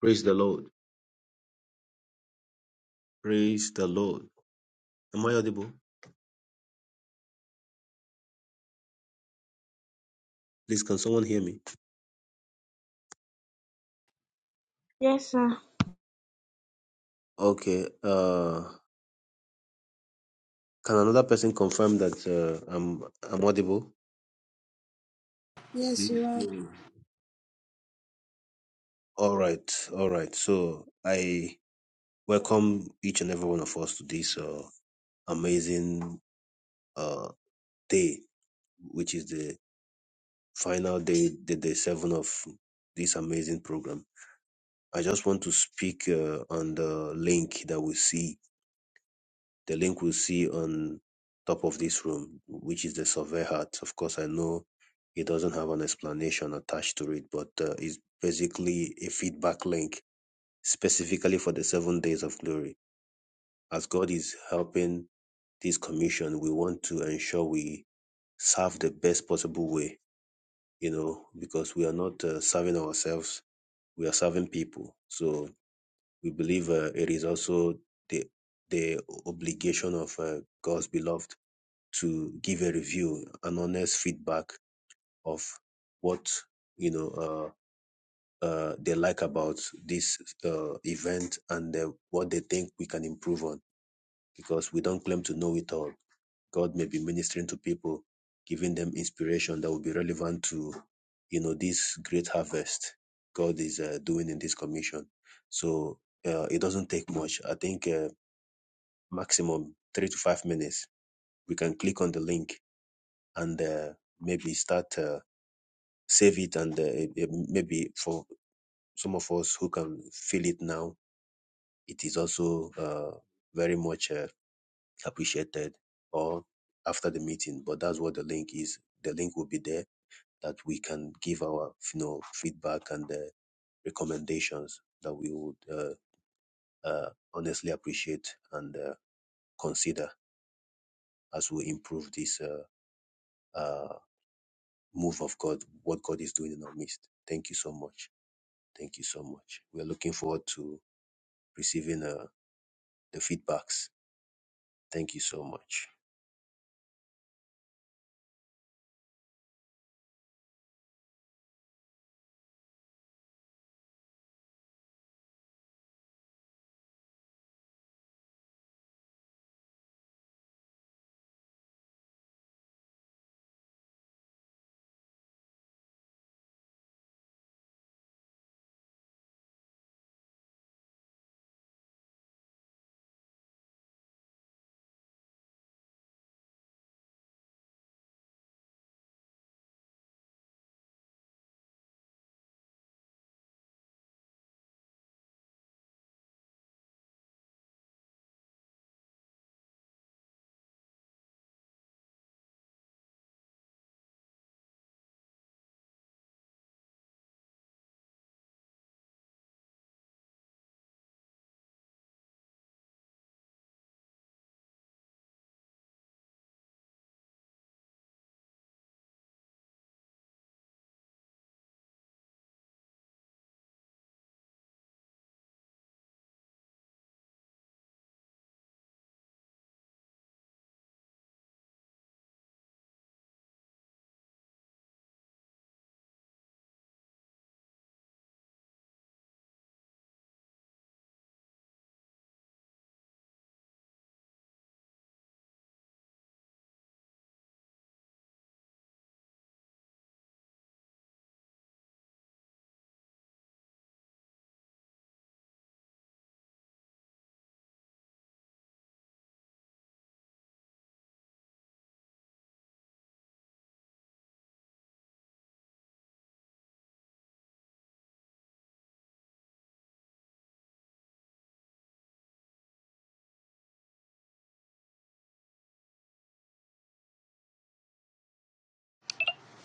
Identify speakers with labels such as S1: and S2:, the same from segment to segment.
S1: Praise the Lord. Praise the Lord. Am I audible? Please, can someone hear me?
S2: Yes, sir.
S1: Okay. Uh, can another person confirm that uh, I'm I'm audible?
S3: Yes, you
S1: Please.
S3: are.
S1: Mm. All right. All right. So I welcome each and every one of us to this uh, amazing uh, day, which is the final day, the day seven of this amazing program. I just want to speak uh, on the link that we see the link we see on top of this room, which is the survey hat. Of course, I know it doesn't have an explanation attached to it, but uh, it's basically a feedback link specifically for the seven days of glory. As God is helping this commission, we want to ensure we serve the best possible way, you know, because we are not uh, serving ourselves, we are serving people. So we believe uh, it is also the the obligation of uh, God's beloved to give a review, an honest feedback of what you know uh, uh, they like about this uh, event and uh, what they think we can improve on. Because we don't claim to know it all. God may be ministering to people, giving them inspiration that will be relevant to you know this great harvest God is uh, doing in this commission. So uh, it doesn't take much. I think uh, maximum three to five minutes. We can click on the link and uh, maybe start. Uh, save it and uh, it- it maybe for some of us who can feel it now it is also uh, very much uh, appreciated or after the meeting but that's what the link is the link will be there that we can give our you know feedback and uh, recommendations that we would uh, uh, honestly appreciate and uh, consider as we improve this uh, uh, move of god what god is doing in our midst thank you so much thank you so much we're looking forward to receiving uh, the feedbacks. Thank you so much.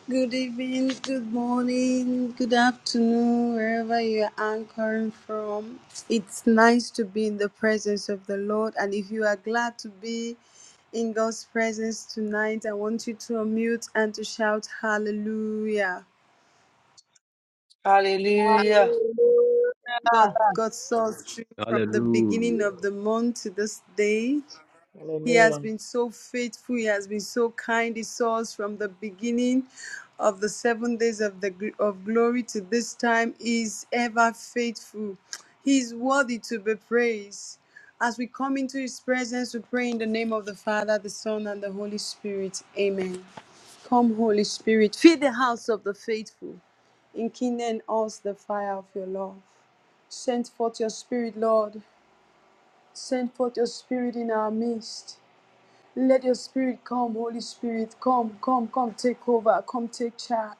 S3: Good evening, good morning, good afternoon, wherever you are anchoring from. It's nice to be in the presence of the Lord. And if you are glad to be in God's presence tonight, I want you to unmute and to shout hallelujah.
S4: Hallelujah.
S5: Hallelujah.
S3: God, God saw us through from the beginning
S1: Hallelujah.
S3: of the month to this day. He has been so faithful. He has been so kind. He saw us from the beginning of the seven days of the gl- of glory to this time. He is ever faithful. He is worthy to be praised. As we come into His presence, we pray in the name of the Father, the Son, and the Holy Spirit. Amen. Come, Holy Spirit, fill the house of the faithful. Enkindle in us the fire of your love. Send forth your spirit, Lord. Send forth your spirit in our midst. Let your spirit come, Holy Spirit, come, come, come, take over, come, take charge.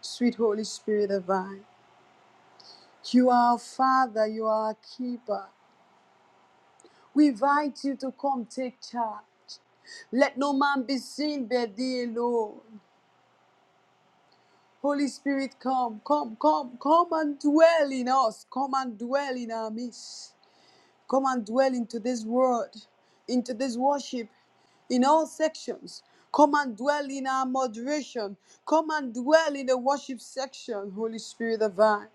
S3: Sweet Holy Spirit divine, you are our Father, you are our keeper. We invite you to come, take charge. Let no man be seen but thee alone. Holy Spirit, come, come, come, come and dwell in us, come and dwell in our midst. Come and dwell into this word, into this worship, in all sections. Come and dwell in our moderation. Come and dwell in the worship section, Holy Spirit divine.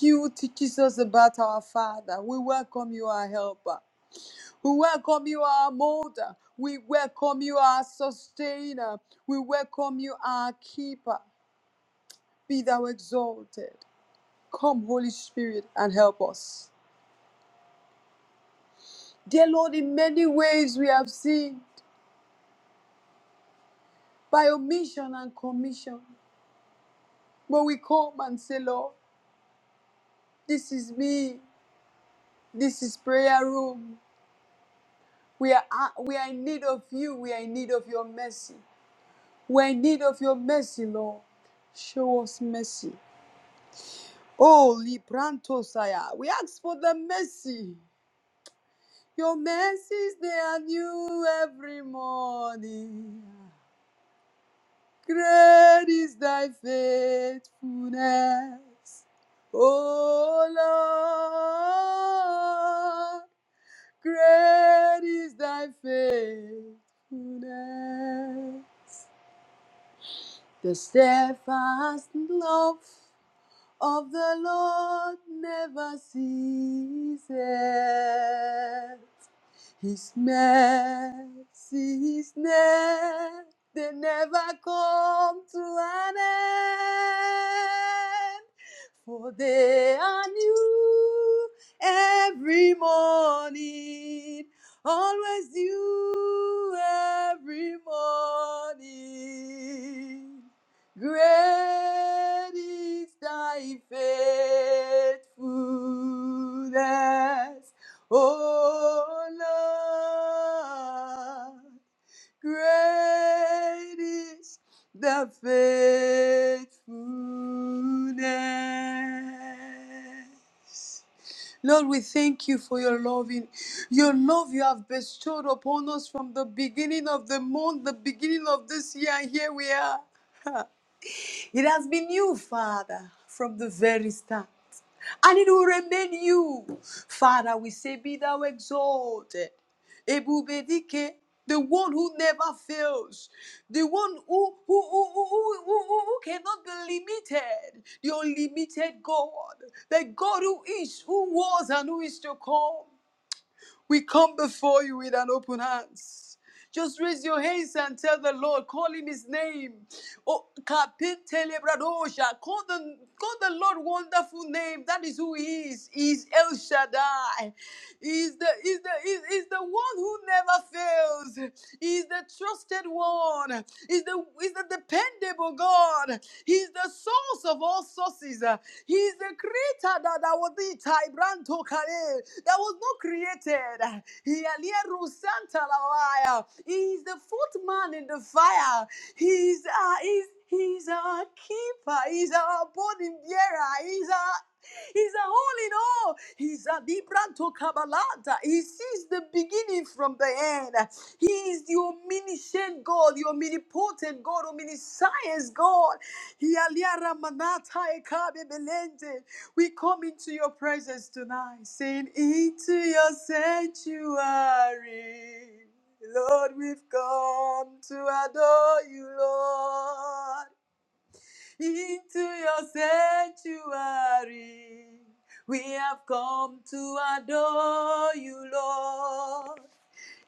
S3: You who teaches us about our Father. We welcome you, our helper. We welcome you, our molder. We welcome you, our sustainer. We welcome you, our keeper. Be thou exalted. Come, Holy Spirit, and help us. Dear Lord, in many ways we have seen. by omission and commission. But we come and say, Lord, this is me. This is prayer room. We are, uh, we are in need of you. We are in need of your mercy. We are in need of your mercy, Lord. Show us mercy. Oh, Libranto Saya, we ask for the mercy. Your mercies, they are new every morning. Great is thy faithfulness, O Lord. Great is thy faithfulness. The steadfast love of the Lord never ceases. His mercy is near, they never come to an end, for they are new every morning, always new every morning. Great is thy faithfulness. Oh Lord, great is the faithfulness. Lord, we thank you for your loving, your love you have bestowed upon us from the beginning of the month, the beginning of this year. and Here we are. It has been you, Father, from the very start and it will remain you. Father, we say, Be thou exalted. Ebubedike, the one who never fails, the one who, who, who, who, who, who who- who cannot be limited, the unlimited God, the God who is, who was, and who is to come. We come before you with an open hands. Just raise your hands and tell the Lord, call him his name. Oh, Kapitele Bradosha. Call the, call the Lord wonderful name. That is who he is. He is El Shaddai. He is the, he is the, he is, he is the one who never fails. He is the trusted one. He is the, he is the dependable God. He's the source of all sources. Uh, He's the creator that, that was the Taibranto Kale, that was not created. Uh, He Alieru Santa Lawaya. He is the footman in the fire. He's uh, he's he's our keeper. He's our burden bearer. He's our He's a all in all. He's a libranto cabalata. He sees the beginning from the end. He is the omniscient God, the omnipotent God, omniscience God. Yaliara manata ekabe belende. We come into your presence tonight, saying, Into your sanctuary, Lord, we've come to adore you, Lord. Into your sanctuary, we have come to adore you, Lord.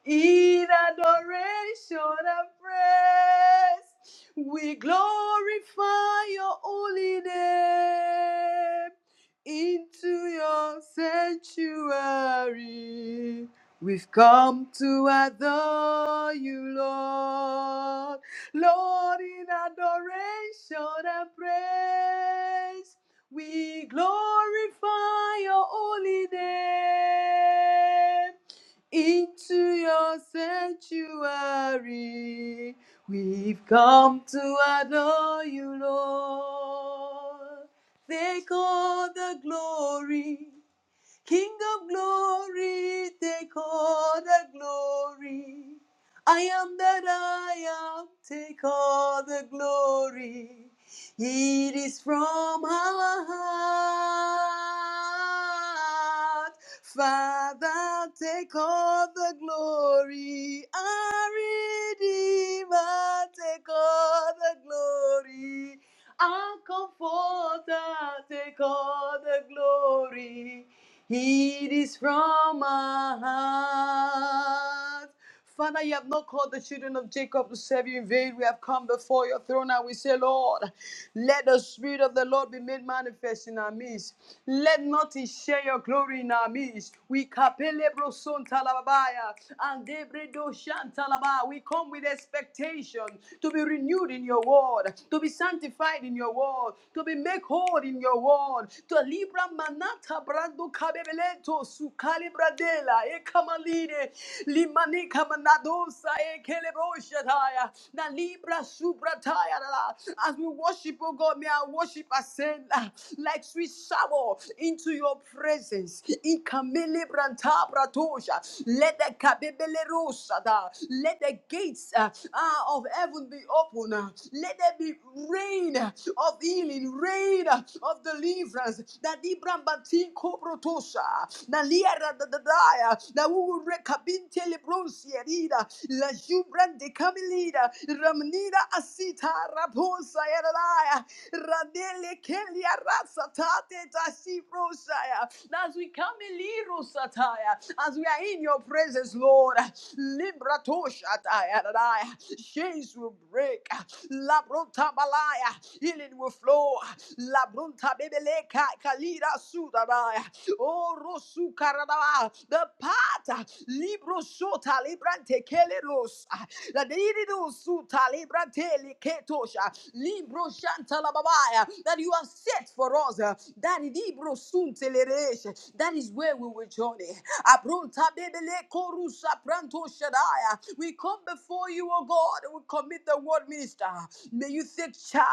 S3: In adoration and praise, we glorify your holy name. Into your sanctuary, we've come to adore you, Lord. Lord, in adoration and praise, we glorify your holy name into your sanctuary. We've come to adore you, Lord. Take all the glory. King of glory, take all the glory. I am that I am, take all the glory. It is from our heart. Father, take all the glory. Our Redeemer, take all the glory. Our comforter, take all the glory. It is from our heart. Father, you have not called the children of Jacob to serve you in vain. We have come before your throne and we say, Lord, let the Spirit of the Lord be made manifest in our midst. Let not He share your glory in our midst. We kapele broson talababaya and debre do shan we come with expectation to be renewed in your word, to be sanctified in your word, to be made whole in your word. To libra manata brando cabebeleto su calibradela e camaline limanica manadosa e keleboshataya na libra subrataya la. As we worship, oh God, may our worship ascend ah, like sweet shower into your presence. Ikamilibrantabratusha. Let the kabibilerusa da. Let the gates uh, uh, of heaven be open. uh. Let there be rain uh, of healing, rain uh, of deliverance. That Ibrahim Batinko Protosa, Naliera Dadaya, that we will recabinte lebrosia leader, La Jubran de Camilida, Ramnida Asita Raposa Yadaya. Radele kelia rasatate tashiprosaya. As we come in Liro Sataya, as we are in your presence, Lord, Librato chains will break, Labrunta Balaya, healing will flow, Labrunta Bebeleka Kalira Sudaraya. Oh, Rosu Karadava, the pata libro sota librante keleros la diridu suta librante ketosha, libro shanta la babaya that you have set for us uh, that libro sunteleresh. that is where we will journey abrunta bebele korusa pranto shadaya we come before you O God we commit the word minister may you take charge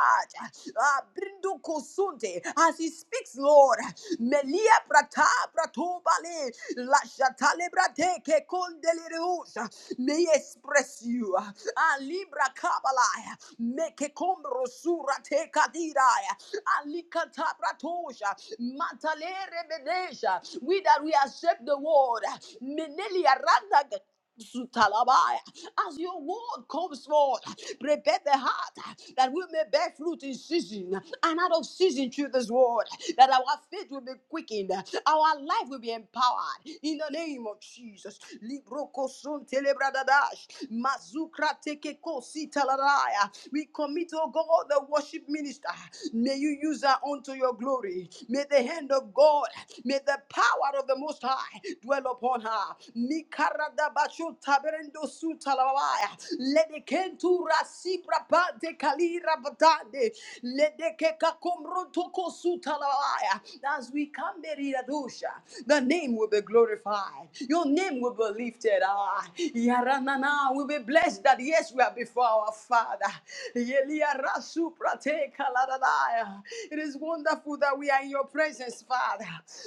S3: Ah, brindo kosunte as he speaks Lord Melia prata pratubale. La shatale brate ke kondelireusa. May he express you. ah, A libra kabalaya. Me ke kombro sura te kadiraya. Alikata pratosha. Matalere bedesha. We that we accept the word. Menelia randa Sutalabaya. As your word comes forth, prepare the heart that we may bear fruit in season and out of season through this word that our faith will be quickened, our life will be empowered in the name of Jesus. Libro koson telebradash, mazukra tekeko sitaladaya we commit, oh God, the worship minister. May you use her unto your glory. May the hand of God, may the power of the Most High dwell upon her. Mikaradabashu taberendo su talawaya. Ledekentura sibra bande kalira badande. Ledekeka komro toko su talawaya. As we come, Mary Radosha, the name will be will be glorified. Your name will be lifted. Ah, Yaranana will be blessed that yes, we are before our Father. Yeliarasu prate kaladadaya. It is wonderful that we are in your presence, Father.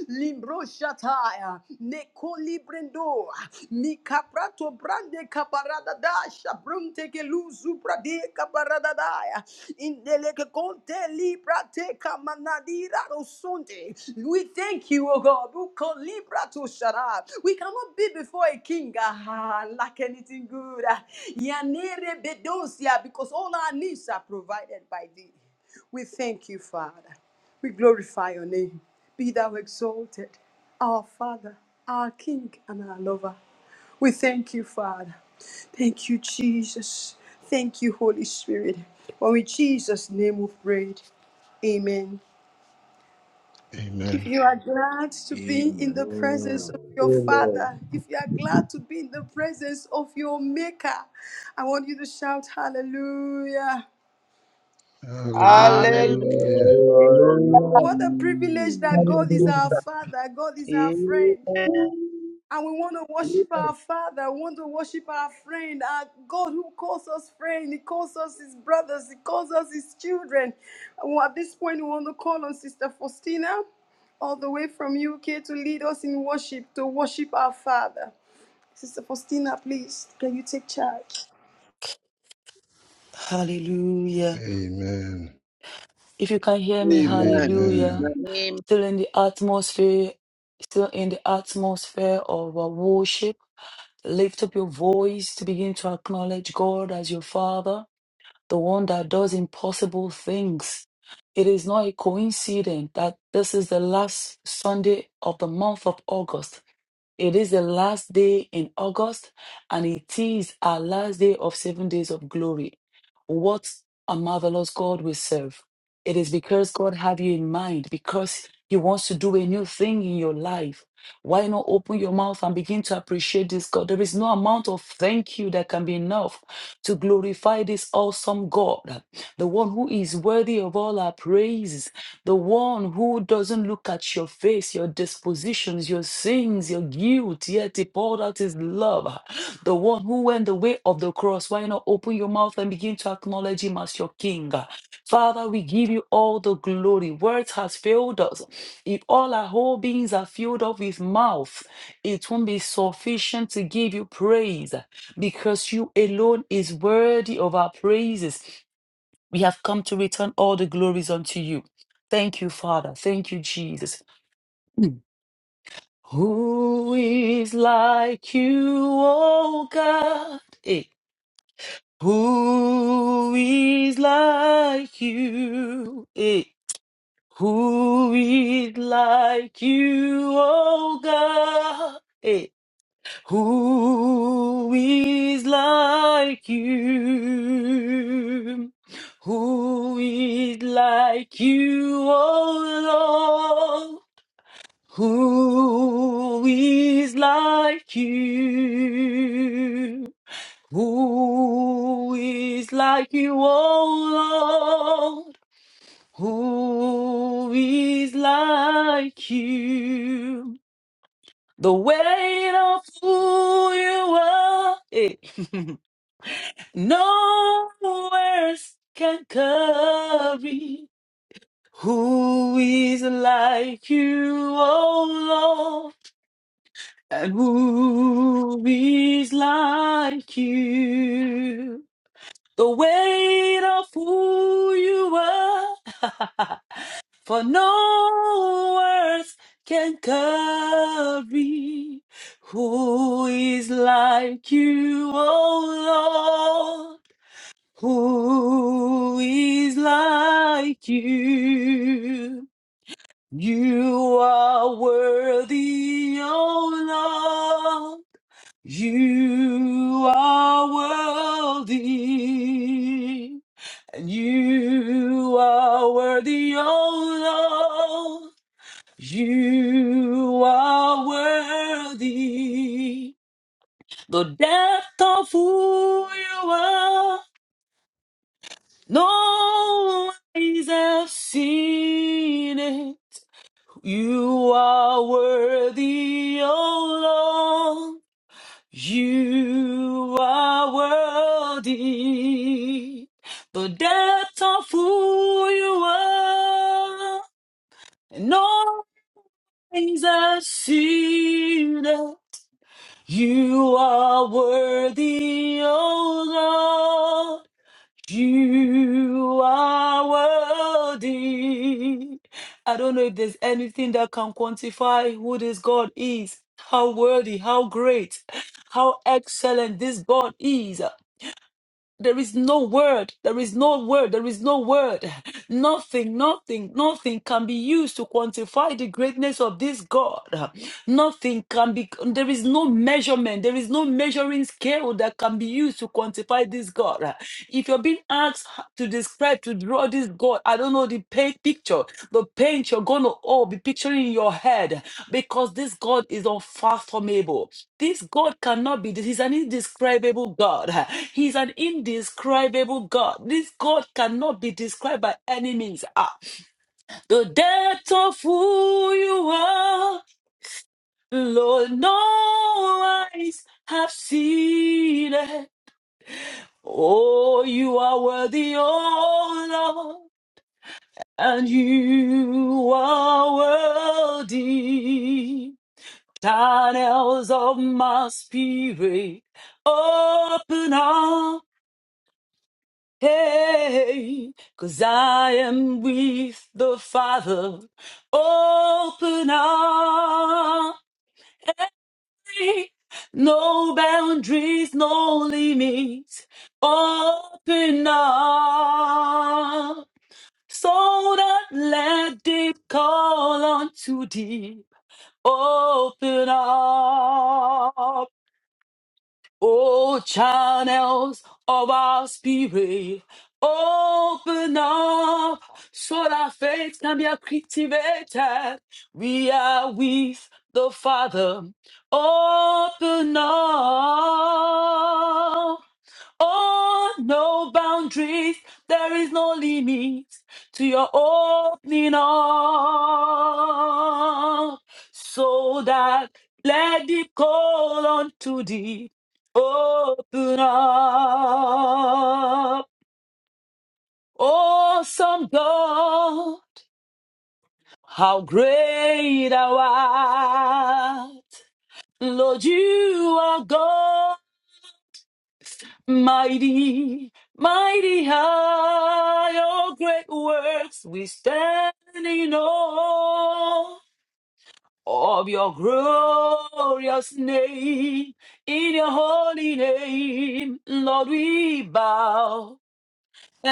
S3: Limbro shataya, neko librendo, mikaprato brande kaparada dasha brunte keluzu brade kaparada daya. Indeleke konte libra te kamanadira rosunde. We thank you, O God. Uko libra to shara. We cannot be before a king ah, like anything good. ah. Yanere bedosia, Because all our needs are provided by thee. We thank you, Father. We glorify your name. Be thou exalted, our Father, our King, and our Lover. We thank you, Father. Thank you, Jesus. Thank you, Holy Spirit. For in Jesus' name we pray. Amen. If
S6: Amen.
S3: you are glad to be in the presence of
S1: Amen.
S3: your
S7: Amen.
S3: Father, if you are glad to be in the presence of your Maker, I want you to shout hallelujah.
S8: Hallelujah.
S6: Hallelujah.
S5: Hallelujah.
S1: Hallelujah.
S7: Hallelujah.
S3: What a privilege that God is our
S9: Hallelujah.
S3: Father, God is our
S10: Amen.
S3: friend. And we want to worship our Father. We want to worship our friend, our God who calls us friend. He calls us his brothers. He calls us his children. Well, at this point, we want to call on Sister Faustina, all the way from UK, to lead us in worship, to worship our Father. Sister Faustina, please, can you take charge?
S4: Hallelujah.
S6: Amen.
S4: If you can hear me,
S11: Amen.
S4: hallelujah.
S6: Amen.
S11: Amen.
S4: Still in the atmosphere, still in the atmosphere of our worship. Lift up your voice to begin to acknowledge God as your Father, the one that does impossible things. It is not a coincidence that this is the last Sunday of the month of August. It is the last day in August, and it is our last day of seven days of glory. What a marvelous God we serve. It is because God have you in mind, because He wants to do a new thing in your life. Why not open your mouth and begin to appreciate this God? There is no amount of thank you that can be enough to glorify this awesome God, the one who is worthy of all our praise the one who doesn't look at your face, your dispositions, your sins, your guilt, yet he poured out his love. The one who went the way of the cross. Why not open your mouth and begin to acknowledge him as your king? Father, we give you all the glory. Words has failed us. If all our whole beings are filled up with mouth, it won't be sufficient to give you praise because you alone is worthy of our praises. We have come to return all the glories unto you. Thank you, Father. Thank you, Jesus. Mm. Who is like you, O God? Eh. Who is like you? Eh. Who is like you, O God? Eh. Who is like you? Who is like you, oh Lord? Who is like you? Who is like you, oh Lord? Who is like you? The weight of who you are, eh, no words can carry. Who is like you, oh Lord? And who is like you? The weight of who you are, For no words can carry who is like you, O Lord. Who is like you? You are worthy, O Lord. You are worthy. And you are worthy, O Lord. You are worthy. The depth of who you are, no eyes have seen it. You are worthy, oh Lord. You are worthy. The depth of who you are, no eyes have seen it. You are worthy, O Lord. You are worthy. I don't know if there's anything that can quantify who this God is, how worthy, how great, how excellent this God is. There is no word. There is no word. There is no word. Nothing, nothing, nothing can be used to quantify the greatness of this God. Nothing can be, there is no measurement. There is no measuring scale that can be used to quantify this God. If you're being asked to describe, to draw this God, I don't know the paint picture, the paint you're going to all be picturing in your head because this God is unfathomable. This God cannot be He's an indescribable God. He's an indescribable God. This God cannot be described by any means. Ah, the depth of who you are, Lord, no eyes have seen it. Oh, you are worthy, oh Lord, and you are worthy. Tunnels of my spirit open up, hey, cause I am with the Father. Open up, no boundaries, no limits. Open up, so that let deep call unto deep. Open up. Oh, channels of our spirit, open up so that faith can be activated. We are with the Father. Open up. Oh, no boundaries. There is no limit to your opening up. So that let the call unto thee open up. Awesome God, how great thou art. Lord, you are God Mighty, mighty are your great works. We stand in awe of your glorious name. In your holy name, Lord, we bow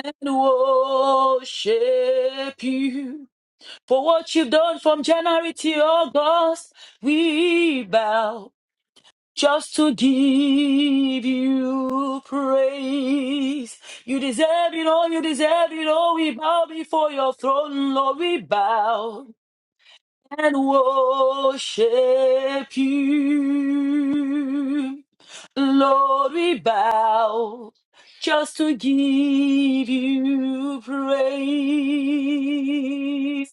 S4: and worship you. For what you've done from January to August, we bow just to give you praise. You deserve it all, you deserve it all. We bow before your throne, Lord, we bow and worship you. Lord, we bow just to give you praise.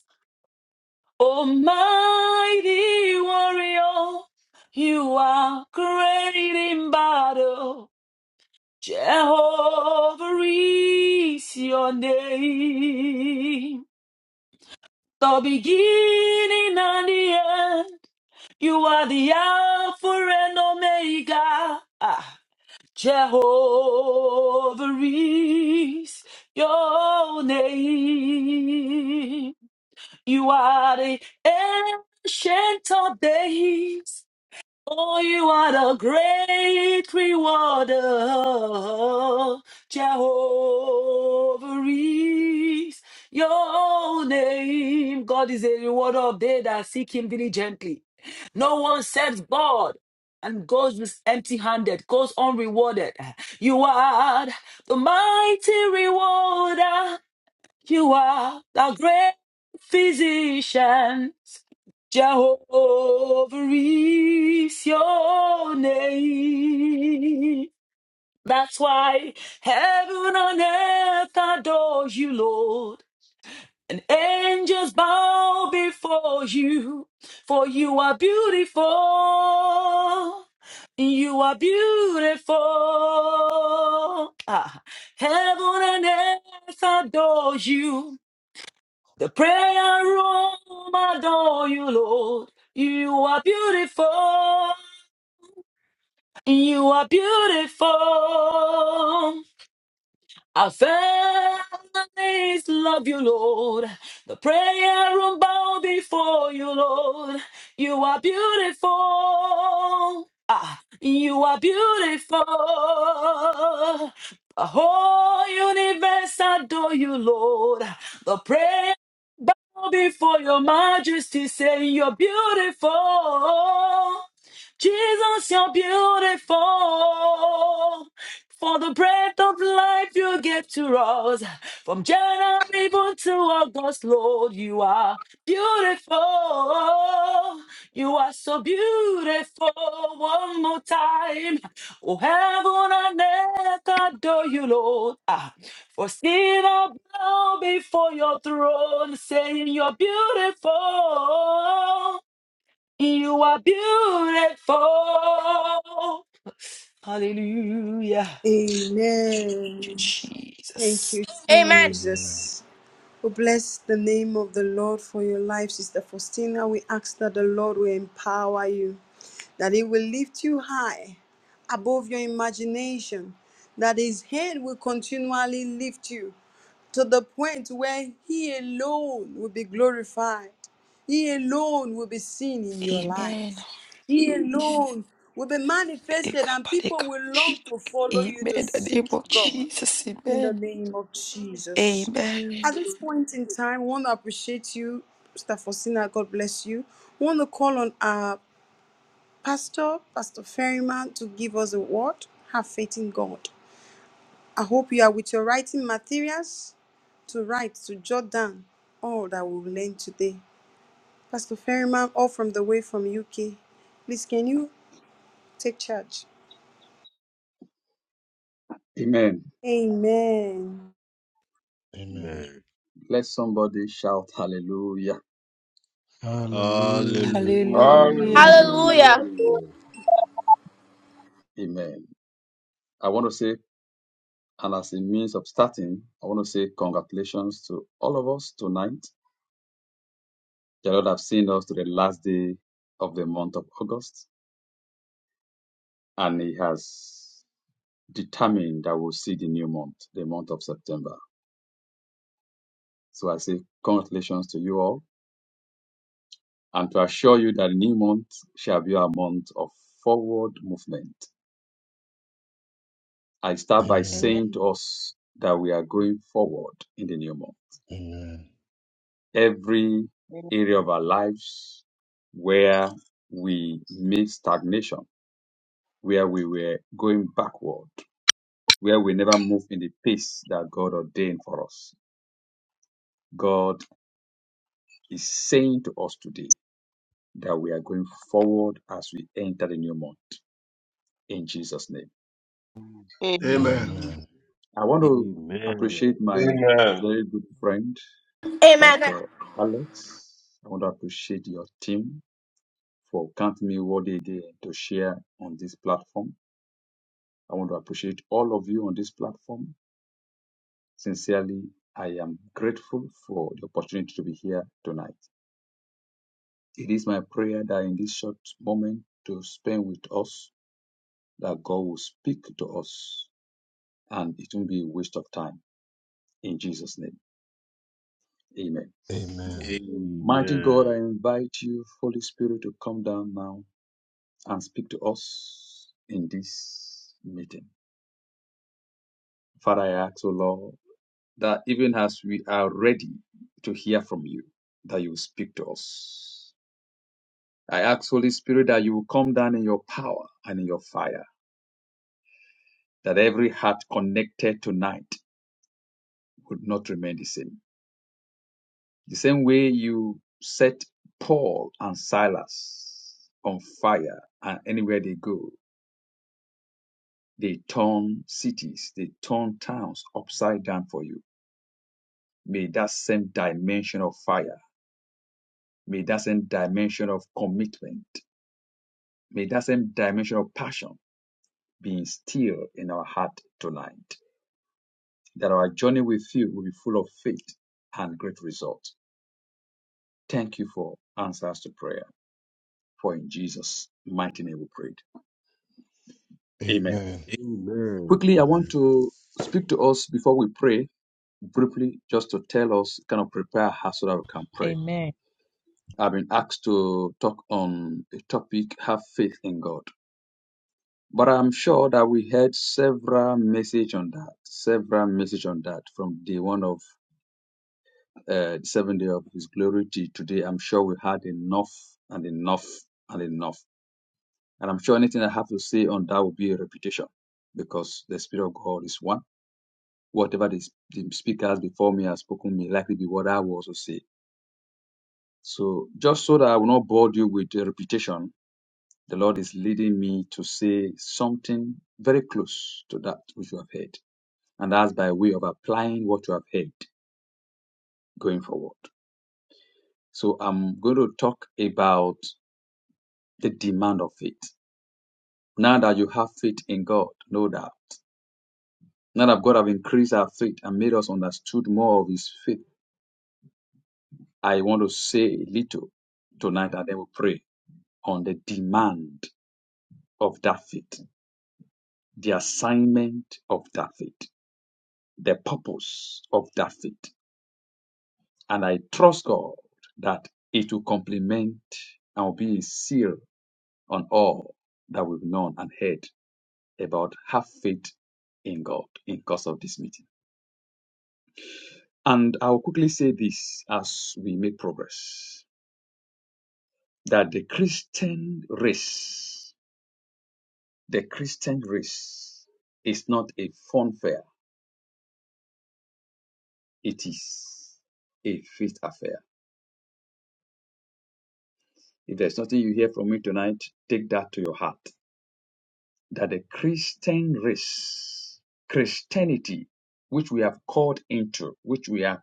S4: Almighty warrior, you are great in battle. Jehovah is your name. The beginning and the end. You are the Alpha and Omega. Ah, Jehovah is your name. You are the ancient of days. Oh, you are the great rewarder. Jehovah is your name. God is a rewarder of they that seek him diligently. No one serves God and goes with empty handed, goes unrewarded. You are the mighty rewarder. You are the great physician. Jehovah is your name. That's why heaven and earth adore you, Lord. And angels bow before you, for you are beautiful. You are beautiful. Ah, heaven and earth adore you. The prayer room adore you, Lord. You are beautiful. You are beautiful. Our families love you, Lord. The prayer room bow before you, Lord. You are beautiful. Ah, you are beautiful. The whole universe adore you, Lord. The prayer bow before your majesty, saying you're beautiful. Jesus, you're beautiful. For the breath of life you give to us, from January even to August, Lord, you are beautiful. You are so beautiful. One more time, oh heaven and earth adore you, Lord. Ah, for sin I bow before your throne, saying you're beautiful. You are beautiful. Hallelujah you,
S3: Amen. Thank
S4: Jesus.
S3: you,
S12: Amen.
S6: Amen.
S3: Jesus. We bless the name of the Lord for your life, Sister Faustina. We ask that the Lord will empower you, that He will lift you high above your imagination, that His hand will continually lift you to the point where He alone will be glorified. He alone will be seen in your
S4: Amen.
S3: life. He alone will be manifested, and people
S4: Amen.
S3: will long to follow
S4: In
S3: you to
S4: The name
S3: seek
S4: of
S3: God
S4: Jesus.
S3: in the
S4: Amen.
S3: name of Jesus.
S4: Amen.
S3: At this point in time, I want to appreciate you, Mr. Faustina. God bless you. I want to call on our pastor, Pastor Ferryman, to give us a word. Have faith in God. I hope you are with your writing materials to write, to jot down all that we've learned today. Pastor Ferryman, all from the way from UK. Please, can you take charge?
S13: Amen.
S3: Amen.
S6: Amen.
S1: Amen.
S13: Let somebody shout hallelujah.
S6: Hallelujah.
S4: Hallelujah.
S13: Hallelujah.
S12: Hallelujah.
S7: Hallelujah.
S1: Hallelujah.
S13: Amen. I want to say, and as a means of starting, I want to say congratulations to all of us tonight. The Lord have seen us to the last day of the month of August, and He has determined that we'll see the new month, the month of September. So I say congratulations to you all, and to assure you that the new month shall be a month of forward movement I start by
S6: Amen.
S13: saying
S5: Amen.
S13: to us that we are going forward in the new month.
S6: Amen.
S13: Every
S5: Amen.
S13: area of our lives where we meet stagnation, where we were going backward, where we never move in the pace that God ordained for us. God is saying to us today that we are going forward as we enter the new month. In Jesus' name, amen.
S14: Amen.
S5: Amen.
S6: Amen.
S13: I want to
S1: Amen.
S13: appreciate my
S7: Amen.
S13: very good friend
S12: Amen.
S13: Pastor Alex. I want to appreciate your team for counting me worthy again to share on this platform. I want to appreciate all of you on this platform. Sincerely, I am grateful for the opportunity to be here tonight. It is my prayer that in this short moment to spend with us, that God will speak to us and it won't be a waste of time. In Jesus' name, amen.
S6: Amen.
S13: Mighty God, I
S1: Amen.
S13: invite you, Holy Spirit, to come down now and speak to us in this meeting. Father, I ask, O Lord, that even as we are ready to hear from you, that you will speak to us. I ask, Holy Spirit, that you will come down in your power and in your fire, that every heart connected tonight would not remain the same. The same way you set Paul and Silas on fire, and anywhere they go, they turn cities, they turn towns upside down for you. May that same dimension of fire, may that same dimension of commitment, may that same dimension of passion be instilled in our heart tonight. That our journey with you will be full of faith and great results. Thank you for answers to prayer. For in Jesus' mighty name we prayed. Amen.
S6: Amen.
S13: Quickly, I want
S6: Amen.
S13: to speak to us before we pray, briefly, just to tell us, kind of prepare us so that we can pray.
S15: Amen.
S13: I've been asked to talk on a topic, have faith in God. But I'm sure that we had several message on that, several message on that from day one of uh, the seventh day of His glory to today. I'm sure we had enough and enough and enough. And I'm sure anything I have to say on that will be a repetition because the Spirit of God is one. Whatever the, the speakers before me have spoken may likely be what I will also say. So just so that I will not bore you with the repetition, the Lord is leading me to say something very close to that which you have heard. and that's by way of applying what you have heard going forward. So I'm going to talk about the demand of faith. Now that you have faith in God, no doubt. Now that God have increased our faith and made us understood more of His faith, I want to say a little tonight, and then we pray on the demand of that faith, the assignment of that faith, the purpose of that faith, and I trust God that it will complement and will be a seal on all that we've known and heard about have faith in God in course of this meeting. And I'll quickly say this as we make progress that the Christian race, the Christian race is not a fun fair, it is a faith affair. If there's nothing you hear from me tonight, take that to your heart. That the Christian race, Christianity, which we have called into, which we are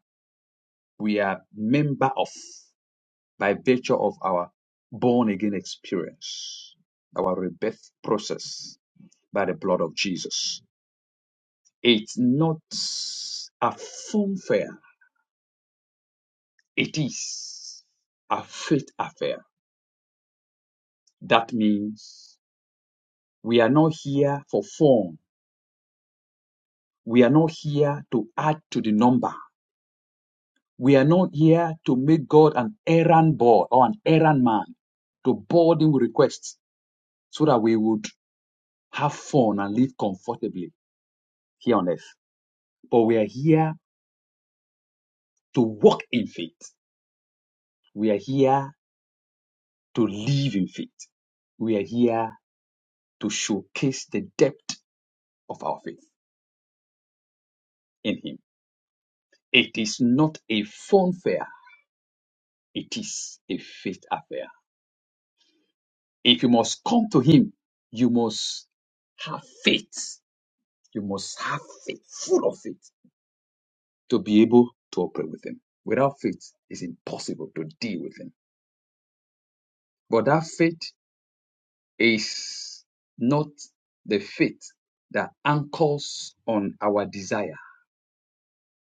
S13: We are member of by virtue of our born again experience, our rebirth process by the blood of Jesus. It's not a fun fair. It is a faith affair. That means we are not here for fun. We are not here to add to the number. We are not here to make God an errand boy or an errand man to board him with requests so that we would have fun and live comfortably here on earth. But we are here to walk in faith. We are here to live in faith. We are here to showcase the depth of our faith in Him. It is not a fun fair, it is a faith affair. If you must come to Him, you must have faith. You must have faith, full of faith, to be able to operate with Him. Without faith, it's impossible to deal with Him. But that faith is not the faith that anchors on our desire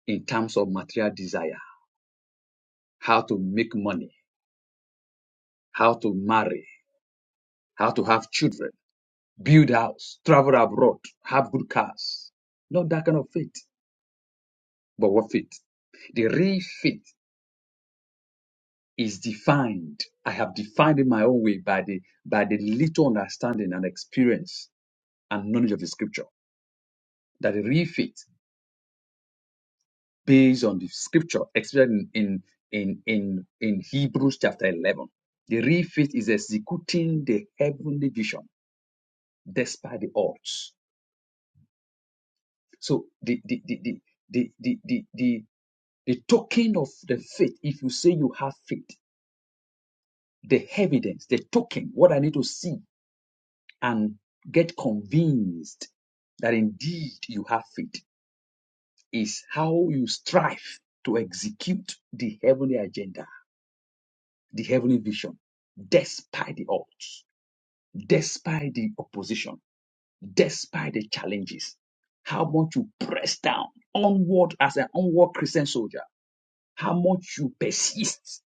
S13: in terms of material desire, how to make money, how to marry, how to have children, build house, travel abroad, have good cars. Not that kind of faith, but what faith? The real faith is defined. I have defined in my own way by the by the little understanding and experience and knowledge of the scripture. That the real faith based on the scripture, especially in, in, in, in, Hebrews chapter 11. The real faith is executing the heavenly vision despite the odds. So the, the, the, the, the, the, the, the, the token of the faith, if you say you have faith, the evidence, the token, what I need to see and get convinced that indeed you have faith is how you strive to execute the heavenly agenda the heavenly vision despite the odds, despite the opposition, despite the challenges. How much you press down onward as an onward Christian soldier, how much you persist,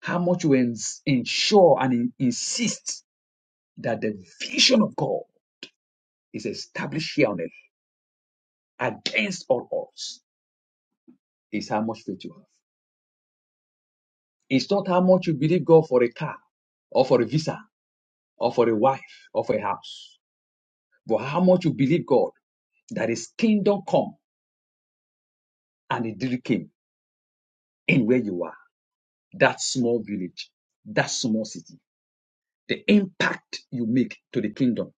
S13: how much you ens- ensure and in- insist that the vision of God is established here on earth against all odds, is how much faith you have. It's not how much you believe God for a car or for a visa or for a wife or for a house, but how much you believe God That is kingdom come and it really came in where you are, that small village, that small city. The impact you make to the kingdom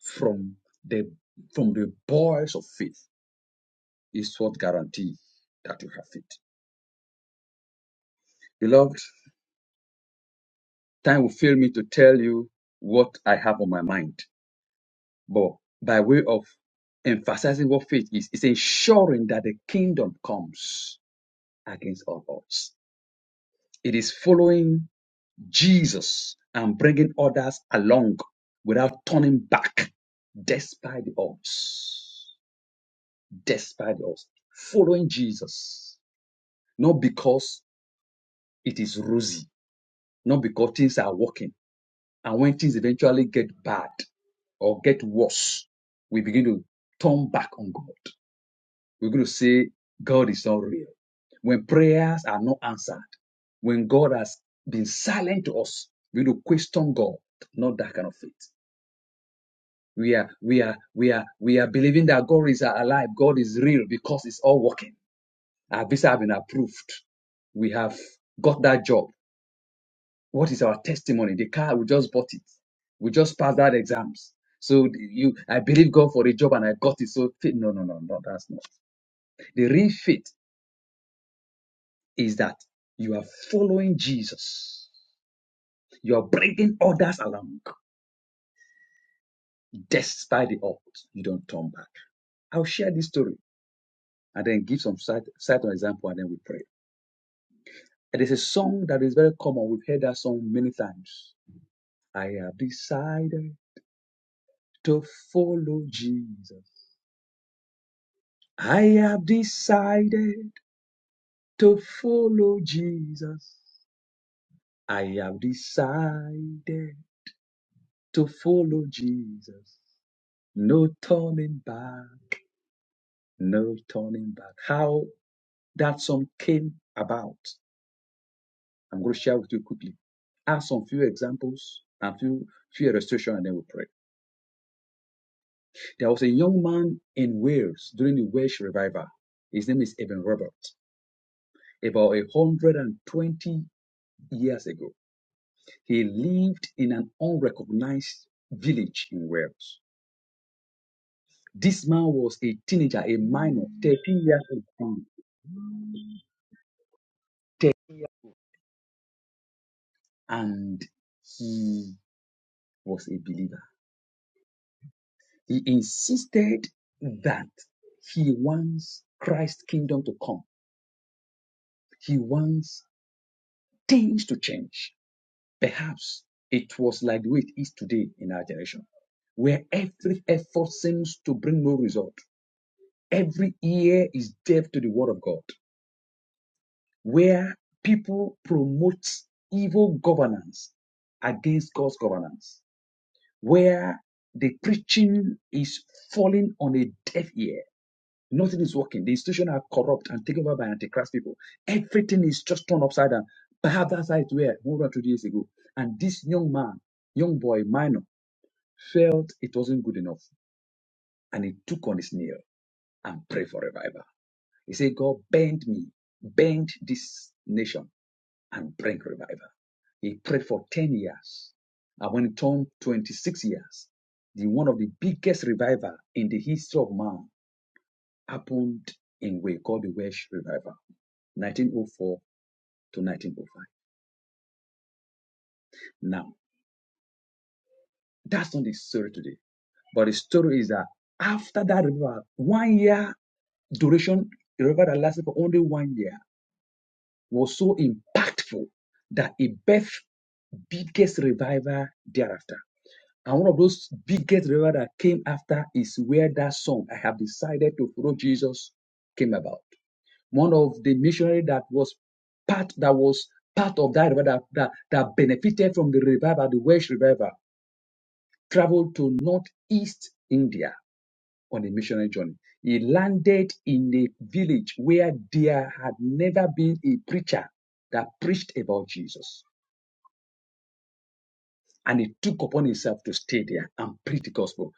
S13: from the from the voice of faith is what guarantees that you have faith. Beloved, time will fail me to tell you what I have on my mind, but by way of emphasizing what faith is, is ensuring that the kingdom comes against all odds. It is following Jesus and bringing others along without turning back despite the odds. Despite the odds. Following Jesus, not because it is rosy, not because things are working. And when things eventually get bad or get worse, we begin to turn back on God. We're going to say, God is not real. When prayers are not answered, when God has been silent to us, we will question God, not that kind of faith. We are, we are, we are, we are believing that God is alive. God is real because it's all working. Our visa have been approved. We have got that job. What is our testimony? The car, we just bought it. We just passed that exams. So you, I believe God for a job and I got it. So faith, no, no, no, no, that's not. The real faith is that you are following Jesus. You are bringing others along despite the odds. You don't turn back. I'll share this story and then give some side, side example and then we pray. It is a song that is very common. We've heard that song many times. I have decided to follow Jesus. I have decided to follow Jesus. I have decided to follow Jesus. No turning back, no turning back. How that song came about, I'm going to share with you quickly. Ask some few examples and few few illustration, and then we pray. There was a young man in Wales during the Welsh revival. His name is Eben Roberts. About 120 years ago, he lived in an unrecognized village in Wales. This man was a teenager, a minor, 13 years old, and he was a believer. He insisted that he wants Christ's kingdom to come. He wants things to change. Perhaps it was like the way it is today in our generation, where every effort seems to bring no result. Every ear is deaf to the word of God, where people promote evil governance against God's governance, where the preaching is falling on a deaf ear. Nothing is working. The institutions are corrupt and taken over by antichrist people. Everything is just turned upside down. Perhaps that's how it were more than two years ago. And this young man, young boy, minor. felt it wasn't good enough, and he took on his nail and prayed for revival. He said, God, bend me, bend this nation, and bring revival. He prayed for 10 years. And when it turned 26 years, the one of the biggest revival in the history of man happened in way called the Welsh Revival, 1904 to 1905. Now, that's not the story today. But the story is that after that revival, one year duration, the revival that lasted for only one year, was so impactful that it birthed biggest revival thereafter. And one of those biggest revival that came after is where that song, I have decided to follow Jesus, came about. One of the missionary that was part that was part of that revival that, that, that benefited from the revival, the Welsh revival, traveled to northeast India on a missionary journey. He landed in a village where there had never been a preacher that preached about Jesus. And he took upon himself to stay there and preach the gospel.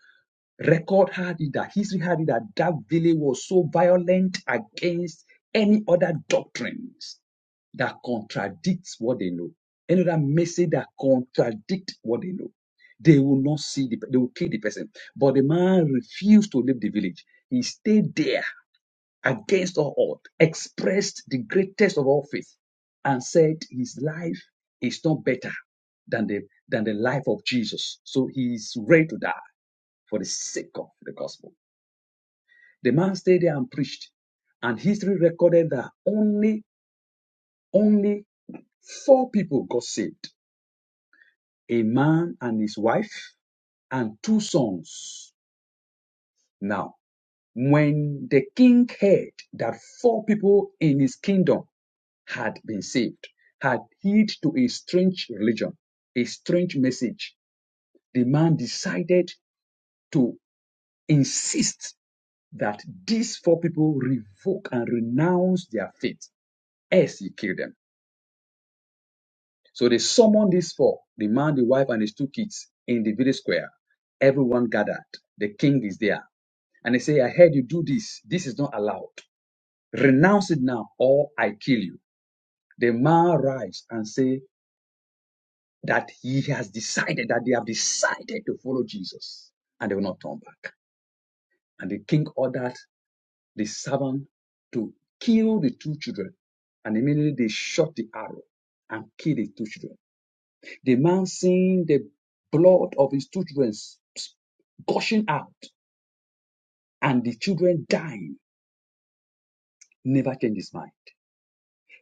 S13: Record had it that history had it that that village was so violent against any other doctrines that contradicts what they know. Any other message that contradicts what they know. They will not see the, they will kill the person. But the man refused to leave the village. He stayed there against all odds, expressed the greatest of all faith and said his life is not better than the, than the life of Jesus. So he is ready to die for the sake of the gospel. The man stayed there and preached, and history recorded that only, only four people got saved a man and his wife, and two sons. Now, when the king heard that four people in his kingdom had been saved, had heed to a strange religion, a strange message, the man decided to insist that these four people revoke and renounce their faith, as he killed them. So they summoned these four, the man, the wife, and his two kids, in the village square. Everyone gathered. The king is there. And they say, I heard you do this. This is not allowed. Renounce it now, or I kill you. The man rise and say, that he has decided that they have decided to follow Jesus and they will not turn back. And the king ordered the servant to kill the two children. And immediately they shot the arrow and killed the two children. The man seeing the blood of his two children gushing out and the children dying never changed his mind.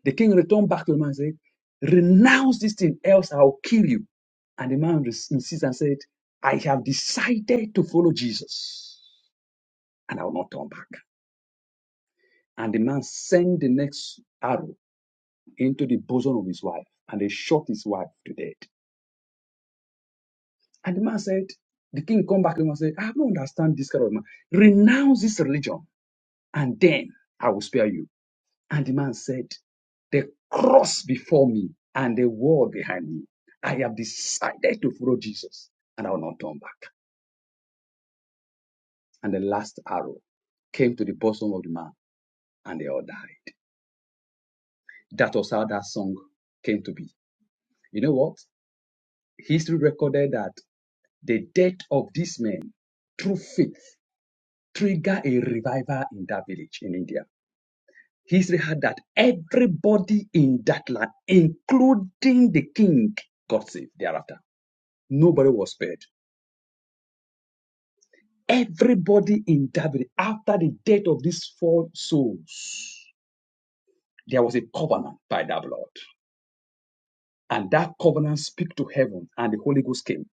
S13: The king returned back to the man and said, Renounce this thing, else I'll kill you. And the man insists and said, I have decided to follow Jesus. and I will not turn back. And the man sent the next arrow into the bosom of his wife, and they shot his wife to death. And the man said, the king come back to him and said, I don't understand this kind of man. Renounce this religion, and then I will spare you. And the man said, the cross before me and the wall behind me. I have decided to follow Jesus, and I will not turn back. And the last arrow came to the bosom of the man, and they all died. That was how that song came to be. You know what? history recorded that the death of this man through faith triggered a revival in that village in India. History had that everybody in that land, including the king, got saved thereafter. Nobody was spared. Everybody in that village, after the death of these four souls, there was a covenant by that blood. And that covenant speak to heaven, and the Holy Ghost came.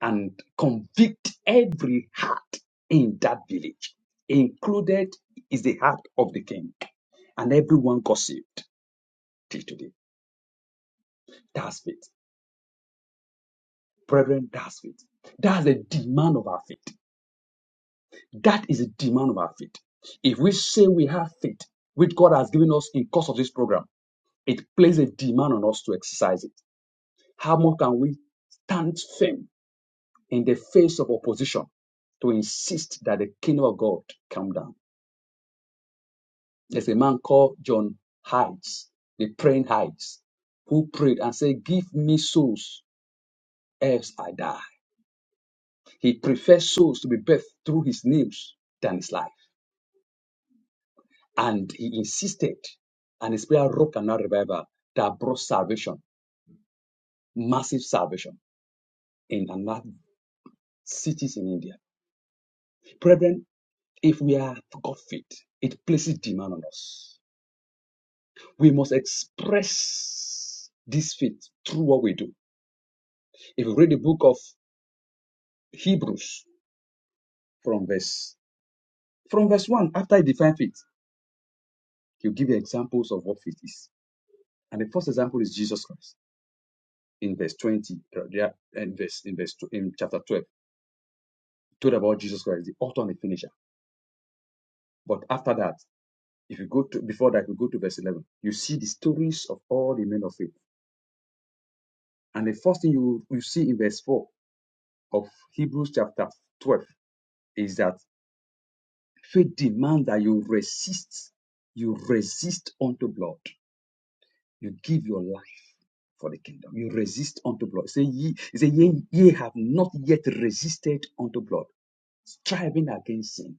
S13: and convict every heart in that village. Included is the heart of the king, and everyone got saved till today. That's faith. Brethren, that's faith. That's the demand of our faith. That is the demand of our faith. If we say we have faith, which God has given us in course of this program, it places a demand on us to exercise it. How more can we stand firm in the face of opposition to insist that the kingdom of God come down? There's a man called John Hides, the praying Hides, who prayed and said, Give me souls, else I die. He preferred souls to be birthed through his nails than his life. And he insisted, and his prayer rock and revival that brought salvation, massive salvation in another cities in India. Brethren, if we are God fit, it places demand on us. We must express this faith through what we do. If you read the book of Hebrews, from verse from verse one. After he defines faith, he'll give you examples of what faith is. And the first example is Jesus Christ in verse twenty, uh, there in verse in verse in chapter twelve. He told about Jesus Christ, the author and the finisher. But after that, if you go to before that, you go to verse eleven, you see the stories of all the men of faith. And the first thing you you see in verse four of Hebrews chapter twelve is that faith demands that you resist, you resist unto blood, you give your life for the kingdom. You resist unto blood. Say ye, say ye, ye have not yet resisted unto blood, striving against sin.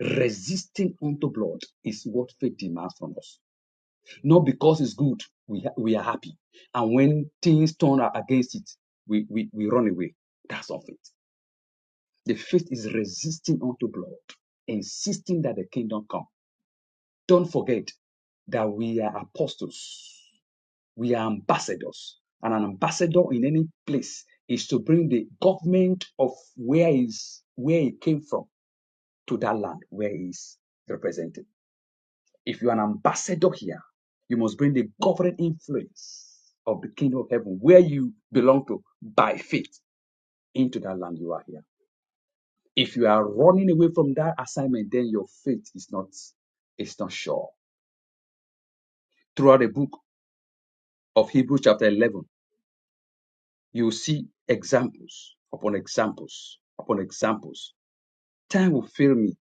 S13: Resisting unto blood is what faith demands from us. Not because it's good, we, ha- we are happy. And when things turn against it, we, we, we run away. That's not faith. The faith is resisting unto blood, insisting that the kingdom come. Don't forget that we are apostles. We are ambassadors. And an ambassador in any place is to bring the government of where is where he came from to that land where he is represented. If you're an ambassador here, you must bring the governing influence of the kingdom of heaven where you belong to by faith into that land you are here. If you are running away from that assignment, then your faith is not is not sure. Throughout the book of Hebrews chapter 11, You will see examples upon examples upon examples. Time will fail me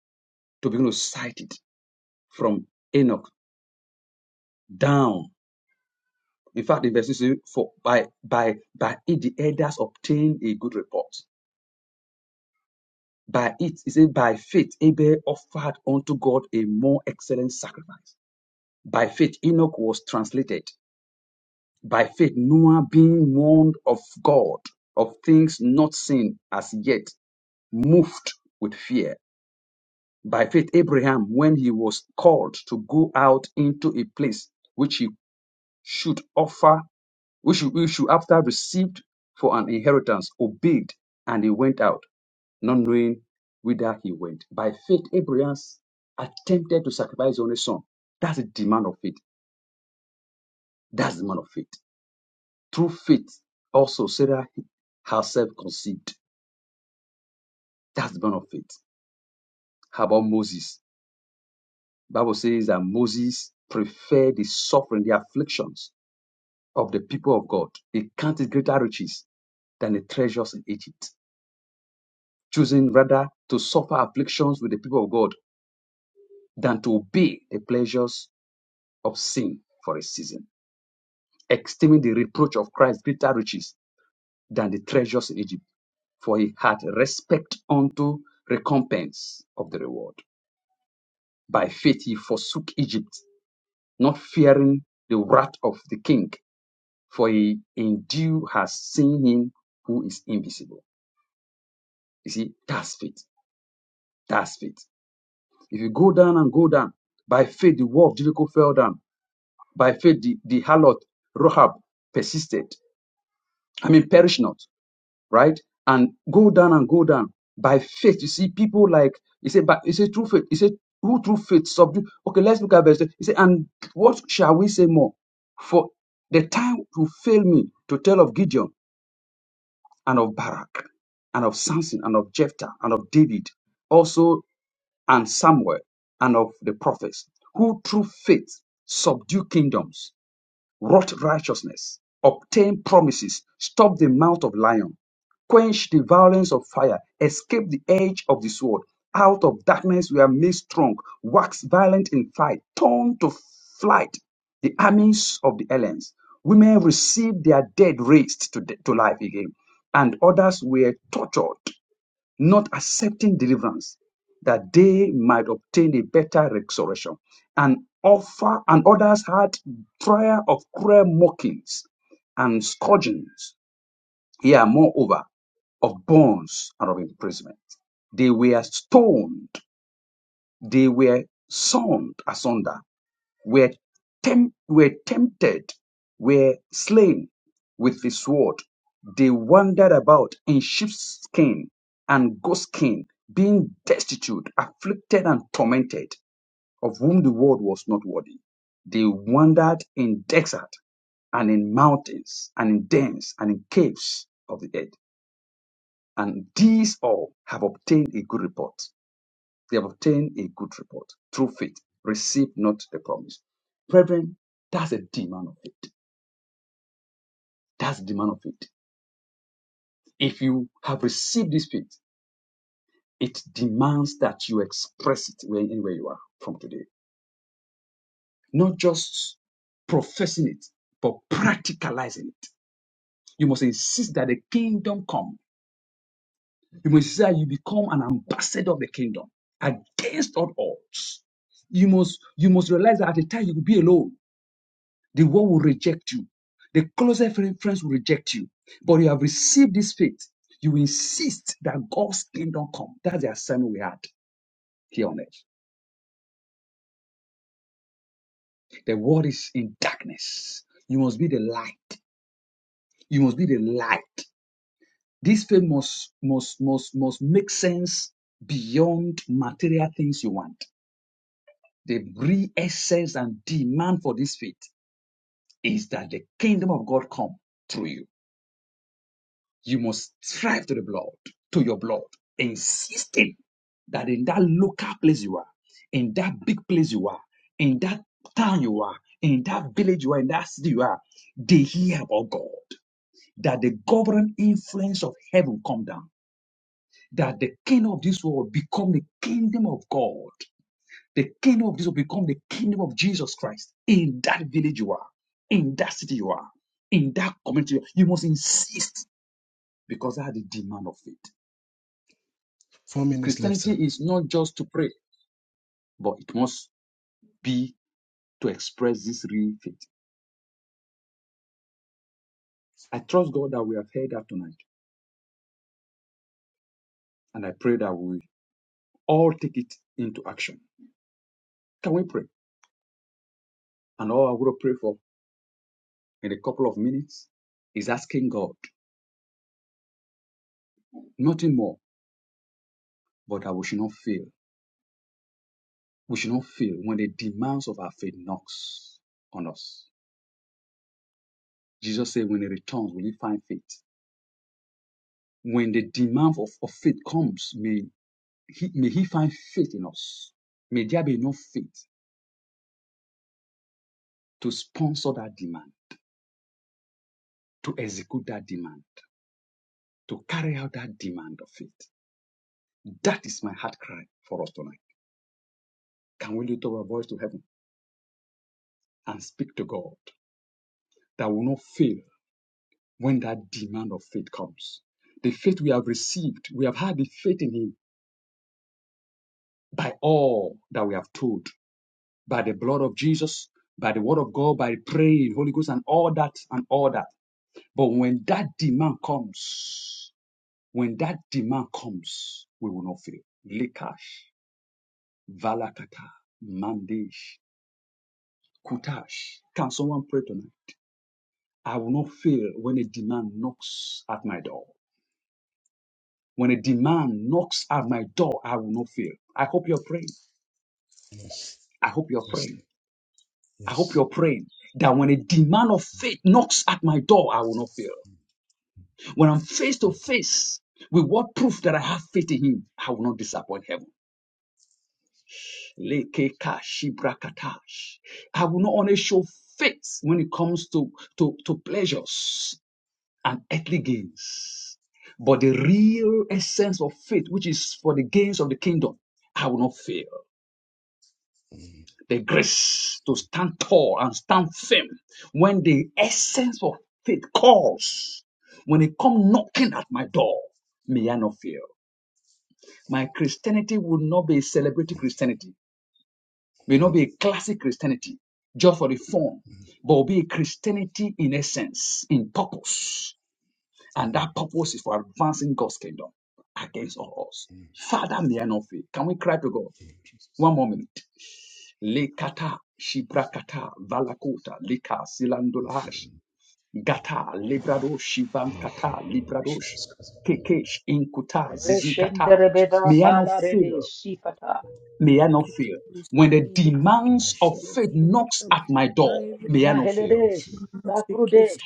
S13: to begin to cite it from Enoch down. In fact, in verse 6, for by by by it the elders obtained a good report. By it, it says, by faith Abel offered unto God a more excellent sacrifice. By faith Enoch was translated. By faith Noah being warned of God of things not seen as yet, moved with fear By faith, Abraham, when he was called to go out into a place which he should offer, which he which he after received for an inheritance, obeyed, and he went out, not knowing whither he went. By faith, Abraham attempted to sacrifice his only son. That's the demand of faith. That's the demand of faith. Through faith, also Sarah herself conceived. That's the demand of faith. How about Moses? Bible says that Moses preferred the suffering, the afflictions of the people of God. They counted greater riches than the treasures in Egypt, choosing rather to suffer afflictions with the people of God than to obey the pleasures of sin for a season, esteeming the reproach of Christ greater riches than the treasures in Egypt, for he had respect unto recompense of the reward. By faith he forsook Egypt, not fearing the wrath of the king, for he in due has seen him who is invisible. You see, that's faith That's faith. If you go down and go down, by faith the wall of Jericho fell down. By faith the, the harlot Rahab persisted. I mean perish not, right? And go down and go down. By faith, you see people like he said, but he said through faith. He said, who through faith subdue. Okay, let's look at verse. 10. He said, and what shall we say more? For the time will fail me to tell of Gideon and of Barak and of Samson and of Jephthah and of David, also and Samuel and of the prophets, who through faith subdue kingdoms, wrought righteousness, obtained promises, stopped the mouth of lion, quenched the violence of fire, escaped the edge of the sword. Out of darkness we are made strong, waxed violent in fight, torn to flight the armies of the aliens. Women received their dead raised to, to life again, and others were tortured not accepting deliverance, that they might obtain a better resurrection. And offer and others had trial of cruel mockings and scourgings, here moreover, of bonds and of imprisonment. They were stoned, they were sawn asunder, were, temp- were tempted, were slain with the sword. They wandered about in sheepskin and goatskin, being destitute, afflicted, and tormented, of whom the world was not worthy. They wandered in desert and in mountains and in dens and in caves of the earth. And these all have obtained a good report. They have obtained a good report through faith. Receive not the promise. Brethren, that's a demand of faith. That's the demand of faith. If you have received this faith, it demands that you express it where- anywhere you are from today. Not just professing it, but practicalizing it. You must insist that the kingdom come. You must insist that you become an ambassador of the kingdom against all odds. You must you must realize that at the time you will be alone The world will reject you. The closest friends will reject you. But you have received this faith. You insist that God's kingdom come. That's the assignment we had here on earth. The world is in darkness. You must be the light. You must be the light. This faith must must must must make sense beyond material things you want. The real essence and demand for this faith is that the kingdom of God come through you You must strive to the blood, to your blood, insisting that in that local place you are, in that big place you are, in that town you are, in that village you are, in that city you are, they hear about God. That the governing influence of heaven come down. That the kingdom of this world become the kingdom of God. The kingdom of this world become the kingdom of Jesus Christ. In that village you are, in that city you are, in that community you are. You must insist because that is the demand of faith.
S6: Four minutes left, sir.
S13: Christianity is not just to pray, but it must be to express this real faith. I trust God that we have heard that tonight, and I pray that we all take it into action. Can we pray? And all I will pray for in a couple of minutes is asking God nothing more, but that we should not fail. We should not fail when the demands of our faith knocks on us. Jesus said, "When he returns, will he find faith?" When the demand of, of faith comes, may he, may he find faith in us. May there be no faith to sponsor that demand, to execute that demand, to carry out that demand of faith. That is my heart cry for us tonight. Can we lift our voice to heaven and speak to God that will not fail when that demand of faith comes? The faith we have received, we have had the faith in Him by all that we have told, by the blood of Jesus, by the word of God, by praying, Holy Ghost, and all that, and all that. But when that demand comes, When that demand comes, we will not fail. Likash, Valakata, Mandish, Kutash. Can someone pray tonight? I will not fail when a demand knocks at my door. When a demand knocks at my door, I will not fail. I hope you're praying.
S6: Yes.
S13: I hope you're
S6: Yes.
S13: praying. I hope
S6: Yes.
S13: you're praying that when a demand of faith knocks at my door, I will not fail. When I'm face to face with what proof that I have faith in Him, I will not disappoint heaven. Lekekashibrakatash. I will not only show faith when it comes to, to, to pleasures and earthly gains, but the real essence of faith, which is for the gains of the kingdom, I will not fail.
S6: Mm,
S13: The grace to stand tall and stand firm when the essence of faith calls, when it come knocking at my door, may I not fear. My Christianity will not be a celebratory Christianity Will not
S6: mm,
S13: be a classic Christianity just for the form,
S6: mm,
S13: but will be a Christianity in essence, in purpose. And
S6: mm,
S13: that purpose is for advancing God's kingdom against all odds.
S6: mm,
S13: Father, may I not fail. Can we cry to God?
S6: mm, Jesus.
S13: One more minute. Lekata, shibrakata, valakota, lika, silandolash,
S6: Mm,
S13: gata, librado,
S6: mm,
S13: shivankata,
S6: mm,
S13: libradosh, kekesh, inkuta,
S6: Mm,
S13: zizikata.
S6: mm,
S13: May I not fail May I not fail. When the demands of faith knocks at my door, may I not
S6: Mm, mm,
S13: fail.
S3: Thank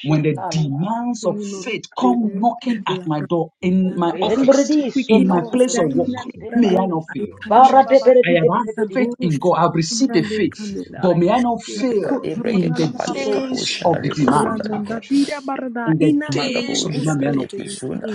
S13: When the demands of faith come knocking at my door in my office,
S11: Prakati.
S13: in
S3: you.
S13: my place of work,
S6: mm,
S13: may I not fail.
S6: mm, Jesus.
S13: I have had faith in God. I've received the
S6: We
S13: faith,
S6: worship you in
S13: but
S6: the
S13: may I
S6: name of
S13: not
S11: Fail in
S13: fail
S6: Jesus.
S11: the
S4: Eka-
S11: name of
S4: Ebreke
S13: in the
S4: kapale
S11: Jesus
S4: kapo
S11: Christ,
S13: days
S11: O
S6: We
S4: shana
S13: of
S11: God.
S13: the
S4: lebo
S6: worship you in
S13: demand.
S4: suna
S6: the name of
S4: leke.
S6: Jesus.
S13: In the days
S4: Magabu
S13: of demand, may
S4: shanda
S13: I
S4: le
S13: not fail.
S4: buzunda,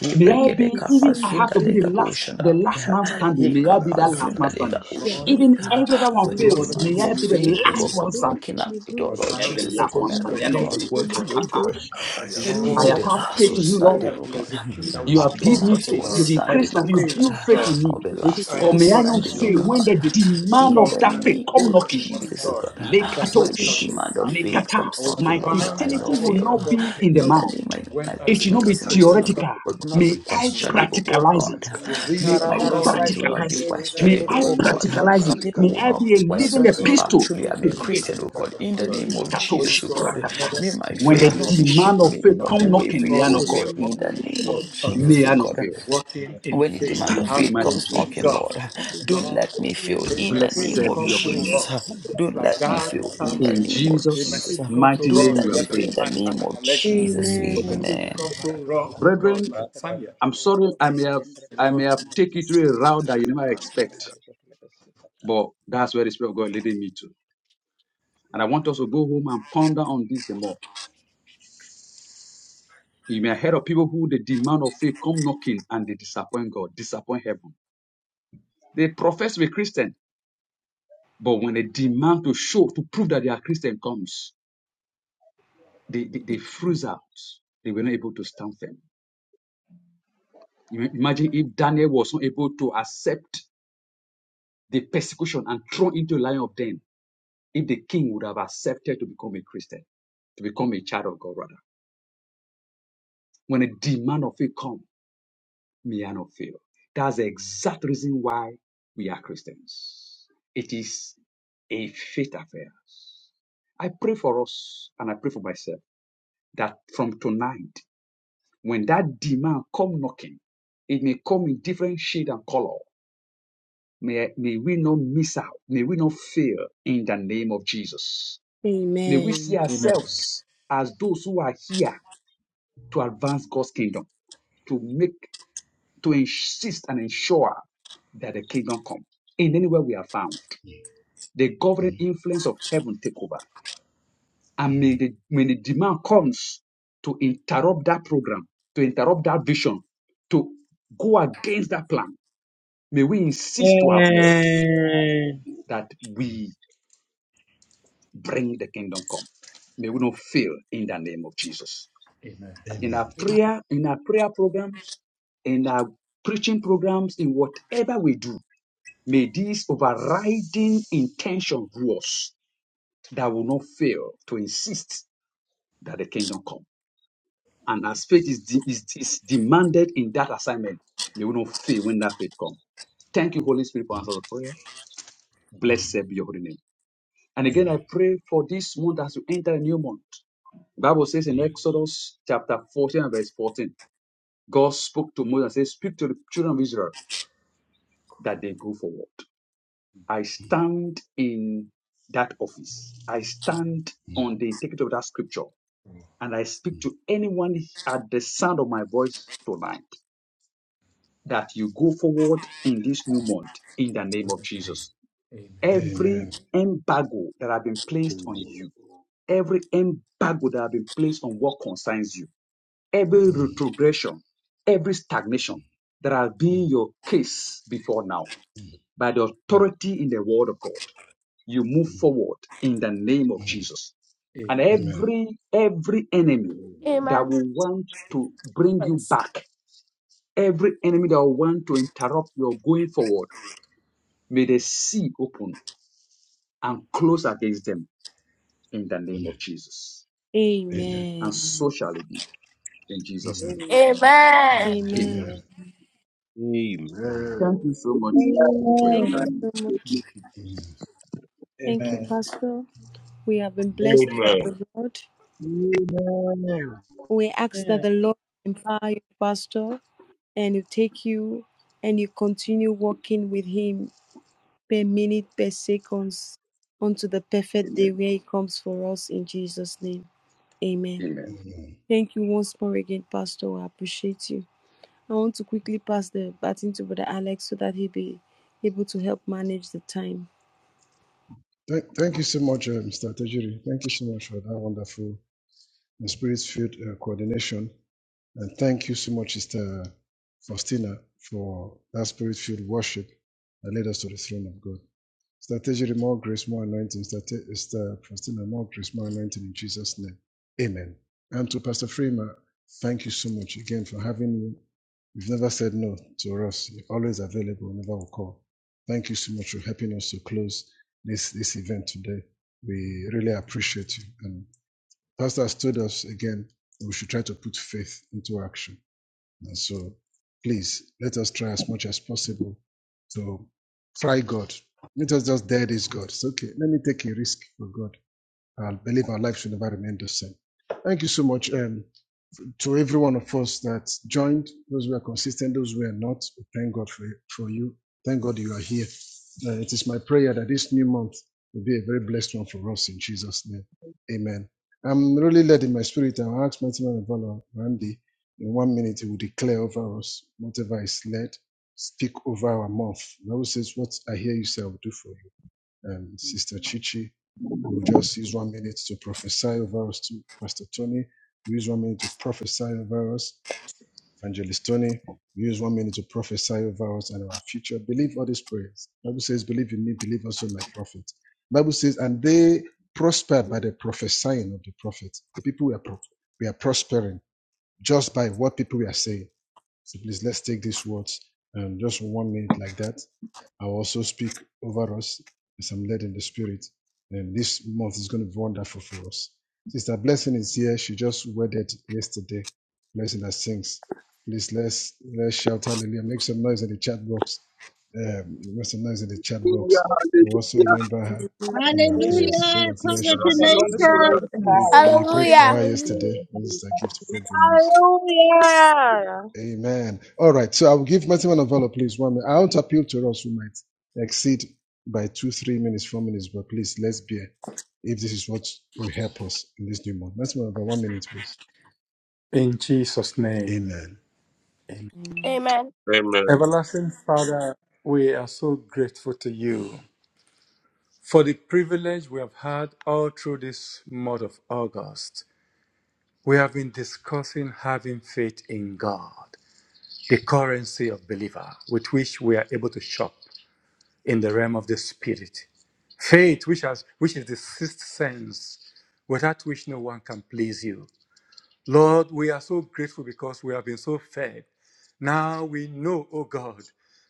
S4: he
S13: May I
S4: breke de
S13: be,
S4: kapa
S13: even I have
S4: zunda
S13: to be
S4: le
S13: the
S4: gabu
S13: last,
S4: shanda
S13: the
S4: le
S6: We
S13: last man
S11: Takala
S13: standing.
S4: he
S13: May I
S11: branda
S13: be
S4: kapa
S13: that last
S11: likana
S13: man
S4: zunda le
S13: standing.
S4: gabu
S6: worship
S11: bagado
S6: you. We
S16: Lord,
S4: shanda le
S13: Even every other one
S4: When the
S16: Lord,
S13: fails.
S16: that
S13: May
S4: demands
S16: your
S13: I
S16: will
S4: of
S13: be the
S16: has
S4: faith,
S16: never
S4: O
S13: last
S4: God,
S16: missed,
S13: one
S4: comes
S16: Lord.
S13: standing.
S4: knocking at the
S16: To
S4: door, Lord
S13: May I be
S16: advance the
S13: the
S4: Jesus, O
S13: last
S4: God,
S13: one
S4: may
S16: purpose
S4: I
S16: of
S13: standing.
S16: your
S4: not
S13: May I
S4: be
S13: not
S16: kingdom,
S4: found
S13: fail.
S16: O
S4: wanting,
S16: God.
S4: O God.
S13: Kakatash.
S11: ataya
S16: That,
S4: Let me
S6: worship
S13: I
S4: be
S11: branda
S13: have
S16: Lord,
S4: the
S6: you.
S13: had
S4: last
S13: faith
S11: ligado
S4: one
S13: in you, Lord.
S11: sinde
S16: I
S4: standing, O
S16: will
S4: God.
S6: We have
S16: execute,
S6: the
S16: I will
S13: You
S6: land
S4: I'll
S13: have
S6: to
S4: be
S6: go
S13: given
S16: sponsor,
S13: me
S6: to,
S4: last
S16: O
S13: faith.
S4: one
S3: Amen.
S13: You've
S16: God, by
S13: increased
S4: standing,
S16: the
S13: my
S4: O
S13: faith.
S4: God.
S13: You
S16: things
S13: build
S16: of
S13: faith
S6: the
S16: God,
S13: in me.
S6: land
S4: I'll be
S6: to
S16: which
S6: worship.
S4: last
S16: I
S11: ligado
S13: But
S4: one
S16: have
S13: may I not
S16: gotten
S4: standing,
S11: prakati.
S4: O
S13: fail
S16: through
S13: when
S4: God.
S13: the
S16: the peace of
S13: demand
S4: In
S16: God
S13: of
S4: the
S16: and
S13: that
S16: the
S13: faith
S4: name
S13: come
S4: of
S16: grace of
S11: Takari
S13: knocking.
S16: the word of
S4: Jesus,
S11: mante
S6: The
S4: O
S16: God
S6: land
S4: God.
S6: to
S16: that
S11: liganash.
S4: When
S16: has
S4: the
S16: come
S13: Lekatosh.
S16: to
S6: worship.
S16: my
S4: demand of
S16: heart.
S4: faith
S13: Lekata.
S16: I
S4: comes
S16: will
S4: knocking,
S6: The
S13: My
S11: Gori
S4: Lord,
S6: land
S4: may
S6: to
S16: advance
S4: I
S16: the
S4: not
S13: Christianity
S11: kataya
S13: will
S16: purpose of
S13: not
S4: fail.
S11: prakati.
S16: God's
S13: be in the
S4: In the
S13: mouth.
S16: kingdom
S4: name of
S6: run,
S16: when
S4: my
S6: the land
S16: that
S13: It
S6: to
S13: should
S11: Ni
S13: not be
S16: demand
S6: worship.
S16: for
S4: Christianity will
S11: kataye
S16: God
S4: not be
S11: ba
S13: theoretical.
S16: comes in
S4: will not
S16: order.
S4: be
S13: May
S6: The
S13: I
S6: land
S16: In
S6: to
S11: sunda
S16: the
S4: questionable,
S16: name
S4: oh
S13: practicalize
S11: librante
S13: it.
S4: God.
S16: of Jesus, the
S11: ligado
S4: May
S13: May
S16: zeal
S11: shik.
S16: of
S4: my
S16: the
S13: I
S16: Lord
S4: Christianity will not be
S13: practicalize
S16: will
S13: it.
S6: worship.
S16: perfect
S13: May
S16: and
S4: questionable,
S13: I
S4: oh
S11: Bondo
S16: accomplish this
S4: God.
S13: practicalize it.
S11: sukari
S16: life
S4: People
S13: May
S4: will
S13: I
S4: not
S13: be a
S16: that
S13: living
S16: you
S4: question
S16: draw
S4: if
S11: kataye
S16: us
S4: I
S13: epistle
S16: near to the back
S4: truly am
S16: of
S4: a
S13: to
S11: bandala
S13: faith.
S4: Christian,
S16: Jesus,
S4: oh
S16: that
S4: God.
S11: kalikana
S16: of
S4: In the
S16: mother.
S4: name of
S11: mamandala.
S16: Holy
S13: Katosh,
S4: Jesus, oh
S16: God
S4: God.
S16: and
S13: brakata.
S16: Father,
S4: May my
S13: When
S16: we
S13: the
S4: faith
S16: have
S4: not
S16: been
S4: be
S16: looking
S13: demand
S4: shaken,
S13: of
S16: at
S4: may it
S13: faith
S16: the
S4: not be
S13: come
S16: subject
S13: knocking,
S4: wavering,
S13: may I
S16: also
S4: oh
S13: not fail.
S4: God.
S16: this
S4: In
S16: month
S4: the name
S16: of
S4: of Jesus,
S13: May
S4: oh
S13: I not
S16: August.
S4: God.
S13: fail.
S16: Walking in
S4: When the
S16: faith,
S4: demand of
S6: The
S13: Thank
S6: land
S13: you,
S16: have
S4: faith
S6: to
S13: mighty
S4: comes
S16: faith
S6: worship.
S16: in
S13: Jesus.
S4: knocking,
S16: God.
S4: Lord, don't
S16: Lord,
S4: let me fail
S16: may
S4: in
S16: my
S4: the
S13: Blessed
S16: faith
S4: name
S13: be
S4: of
S16: become
S13: your
S16: so
S13: holy name.
S4: Jesus.
S16: wrong,
S4: Don't
S16: like
S4: let me
S16: that of
S4: fail in the
S16: something.
S13: In
S4: name of
S16: May my
S13: Jesus'
S4: Jesus.
S16: faith become so
S13: mighty
S4: Don't
S16: wrong,
S13: name we
S4: let
S16: like
S13: are
S4: me
S16: that of
S13: prayed.
S4: fail in the
S16: Elijah
S4: name
S16: and
S4: of
S16: Elisha.
S4: Jesus.
S16: May my
S6: Amen. Mm,
S16: faith
S4: Amen.
S16: become so wrong, oh God,
S13: Brethren,
S16: like Samuel.
S13: I'm sorry I may have
S16: In the
S13: I
S16: name
S13: may
S16: of
S13: have
S16: Jesus.
S13: taken you through a route that you
S11: Sibeteke
S13: never
S11: brande
S13: expect,
S11: ligado.
S13: but that's where the Spirit of God leading me to. And I want us to go home and ponder on this the more. You may hear of people who the demand of faith come knocking and they disappoint God, disappoint heaven. They profess to be Christian, but when the demand to show, to prove that they are Christian comes, they, they, they freeze out. They were not able to stand firm. imagine if Daniel was not able to accept the persecution and thrown into a lion of den, if the king would have accepted to become a Christian, to become a child of God rather. When a demand of faith comes, may not fail. That's the exact reason why we are Christians. It is a faith affair. I pray for us and I pray for myself that from tonight, when that demand come knocking, it may come in different shade and color. May, may we not miss out. May we not fail in the name of Jesus. May we
S3: Amen.
S13: see
S16: Amen.
S13: ourselves as those who are here to advance God's kingdom, to make to insist and ensure that the kingdom come in anywhere we are found. The governing
S6: mm,
S13: influence of heaven take over. And may the, when the demand comes to interrupt that program, to interrupt that vision, to go against that plan, may we insist to our Lord
S17: Amen.
S13: that we bring the kingdom come. May we not fail in the name of Jesus.
S16: Amen.
S13: In our prayer, in our prayer programs, in our preaching programs, in whatever we do, May this overriding intention rule us that will not fail to insist that the kingdom come. And as faith is, de- is, is demanded in that assignment, may we not fail when that faith comes. Thank you, Holy Spirit, for answer the prayer. Blessed be your holy name. And
S6: mm,
S13: again, I pray for this month as we enter a new month. The Bible says in Exodus chapter 14 and verse 14, God spoke to Moses and said, Speak to the children of Israel that they go forward. I stand in that office. I stand
S6: mm.
S13: on the integrity of that scripture. And I speak to anyone at the sound of my voice tonight that you go forward in this new month in the name of
S6: Amen. Mm, mm,
S13: Jesus.
S16: Amen.
S6: Amen. Amen.
S13: Every embargo that have been placed on
S1: Amen.
S13: you, every embargo that have been placed on what concerns you,
S6: Mm, mm, mm, mm. Amen.
S13: every
S6: Mm,
S13: retrogression, every
S6: mm,
S13: stagnation that have
S6: mm.
S13: been your case before now,
S6: mm,
S13: by the
S6: mm,
S13: authority in the word of God. you move
S6: mm.
S13: forward in the name of
S6: mm.
S13: Jesus. And
S16: Amen.
S6: Amen.
S13: every every enemy that
S12: Amen.
S13: will want to bring you back, every enemy that will want to interrupt your going forward, may the sea open and close against them in the name of
S6: Amen.
S13: Jesus.
S6: Amen.
S13: And so shall it be in Jesus'
S6: Amen.
S13: name.
S5: Amen.
S12: Amen.
S3: And
S16: Amen.
S13: Amen.
S6: Amen.
S5: Amen.
S1: Amen.
S6: Amen.
S13: Thank you so much for your
S3: thank you,
S18: Amen.
S13: time.
S11: Amen.
S3: Mojo.
S16: Thank
S11: Hallelujah.
S16: you,
S6: Amen.
S16: Jesus.
S19: Amen.
S3: Just by
S7: Amen.
S3: the
S10: Amen.
S3: way,
S15: Amen.
S3: ask that the Lord and you take you and you continue walking with Him per minute, per seconds, unto the perfect day
S13: Amen.
S3: where He comes for us in Jesus' name. Amen.
S13: Amen.
S6: Amen.
S3: Thank you once more again, Pastor. I appreciate you. I want to quickly pass the baton to Brother Alex so that he'll be able to help manage the time.
S6: Thank, thank you so much, uh, Mr. Tajiri. Thank you so much for that wonderful and spirit-filled uh, coordination. And thank you so much, Sister Faustina, for that spirit-filled worship that led us to the throne of God. Strategy, more grace, more anointing. Strate- Faustina, more grace, more anointing in Jesus' name. Amen. And to Pastor Freeman, thank you so much again for having me. You've never said no to us. You're always available Never we call. Thank you so much for helping us to close this, this event today. We really appreciate you. And Pastor has told us again, we should try to put faith into action and so please let us try as much as possible to try God. Let us just dare this God. It's okay. Let me take a risk for God. I believe our life should never remain the same. Thank you so much. Um, to every one of us that joined, those who are consistent, those who are not, we thank God for, for you. Thank God you are here. Uh, it is my prayer that this new month will be a very blessed one for us in Jesus' name. Amen. I'm really led in my spirit. I'll ask Mighty Man of Valor, Randy, in one minute, he will declare over us whatever is led, speak over our mouth. The Bible says, What I hear you say, I will do for you um, Sister Chichi. We will just use one minute to prophesy over us to Pastor Tony. We use one minute to prophesy over us, Evangelist Tony. We use one minute to prophesy over us and our future. Believe all these prayers. Bible says, believe in me, believe also in my prophet. Bible says, and they prospered by the prophesying of the prophet. The people we are, prof- we are prospering just by what people we are saying. So please let's take these words and just one minute like that. I'll also speak over us as I'm led in the spirit. And this month is going to be wonderful for us. Sister Blessing is here. She just wedded yesterday. Blessing that sings. Please let's let's shout hallelujah. Make some noise in the chat box. Um, make some noise in the chat box. We also
S11: Hallelujah.
S6: remember her in our
S20: Translation.
S5: Amen.
S6: prayers.
S9: Hallelujah.
S5: The
S6: Congratulations.
S5: Lord be
S20: This
S7: Hallelujah.
S6: We
S9: Congratulations.
S5: glorified.
S6: we prayed
S3: Amen.
S6: for
S12: Hallelujah.
S6: her yesterday. This is a gift broken news.
S18: Hallelujah.
S6: Amen. All right. So I will give Martin Manavala, please, one minute. I want to appeal to us who might exceed by two, three minutes, four minutes, but please, let's bear if this is what will help us in this new month. Martin Manavala, one minute, please.
S16: In Jesus' name.
S6: Amen.
S16: Amen.
S12: Amen.
S7: Amen.
S16: Everlasting Father, we are so grateful to you for the privilege we have had all through this month of August. We have been discussing having faith in God, the currency of believer with which we are able to shop in the realm of the spirit. Faith, which, has, which is the sixth sense, without which no one can please you. Lord, we are so grateful because we have been so fed. Now we know, O God,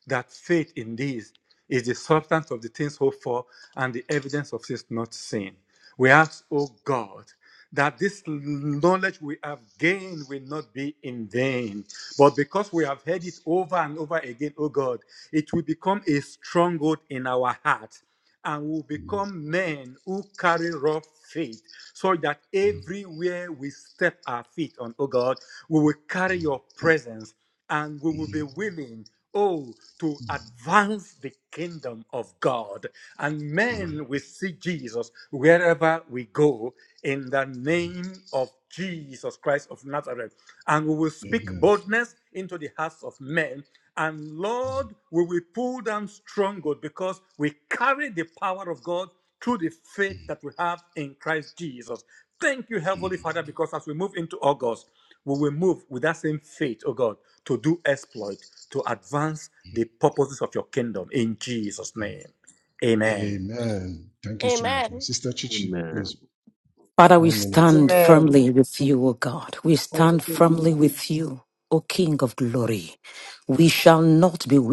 S16: that faith in these is the substance of the things hoped for and the evidence of things not seen. We ask, O God, that this knowledge we have gained will not be in vain. But because we have heard it over and over again, O God, it will become a stronghold in our heart and will
S6: Amen.
S16: become men who carry rough faith, so that
S6: Amen.
S16: everywhere we step our feet on, oh God, we will carry your presence and we will be
S6: Amen.
S16: willing, oh, to advance the kingdom of God. And men will see Jesus wherever we go in the name of Jesus Christ of Nazareth. And we will speak
S6: Amen.
S16: boldness into the hearts of men and Lord, we will pull down stronghold because we carry the power of God through the faith that we have in Christ Jesus. Thank you, Heavenly Father, because as we move into August, we will move with that same faith, oh God, to do exploit, to advance the purposes of your kingdom in Jesus' name. Amen.
S6: Thank you so much, my
S12: Amen.
S6: sister Chichi.
S1: Amen.
S6: Please, one minute.
S10: Amen. Thank you, Jesus.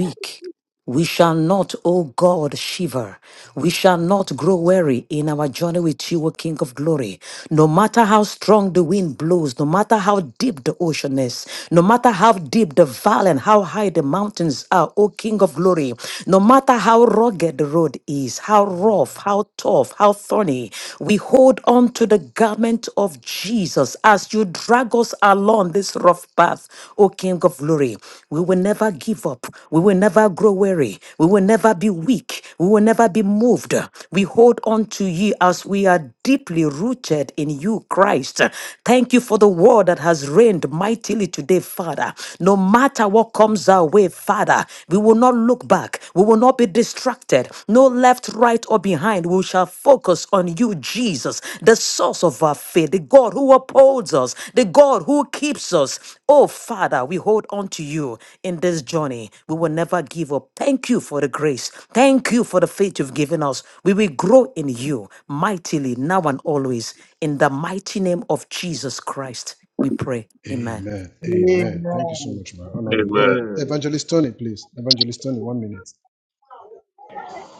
S21: weak. We shall not, O God, shiver. We shall not grow weary in our journey with you, O King of glory. No matter how strong the wind blows, no matter how deep the ocean is, no matter how deep the valley and how high the mountains are, O King of glory, no matter how rugged the road is, how rough, how tough, how thorny, we hold on to the garment of Jesus. Jesus, as you drag us along this rough path, O King of glory, we will never give up. We will never grow weary. We will never be weak. We will never be moved. We hold on to you as we are deeply rooted in you, Christ. Thank you for the word that has reigned mightily today, Father. No matter what comes our way, Father, we will not look back. We will not be distracted shifted, no left, right, or behind. We shall focus on you, Jesus, the source of our faith, the God who upholds us, the God who keeps us. Oh, Father, we hold on to you in this journey. We will never give up. Thank you for the grace. Thank you for the faith you've given us. We will grow in you mightily now and always. In the mighty name of Jesus Christ, we pray. Amen.
S6: Amen. Amen. Thank you so
S10: Amen.
S6: much, my honor. You. Uh,
S7: Amen.
S1: Amen.
S6: Evangelist Tony, please. Evangelist Tony, one minute.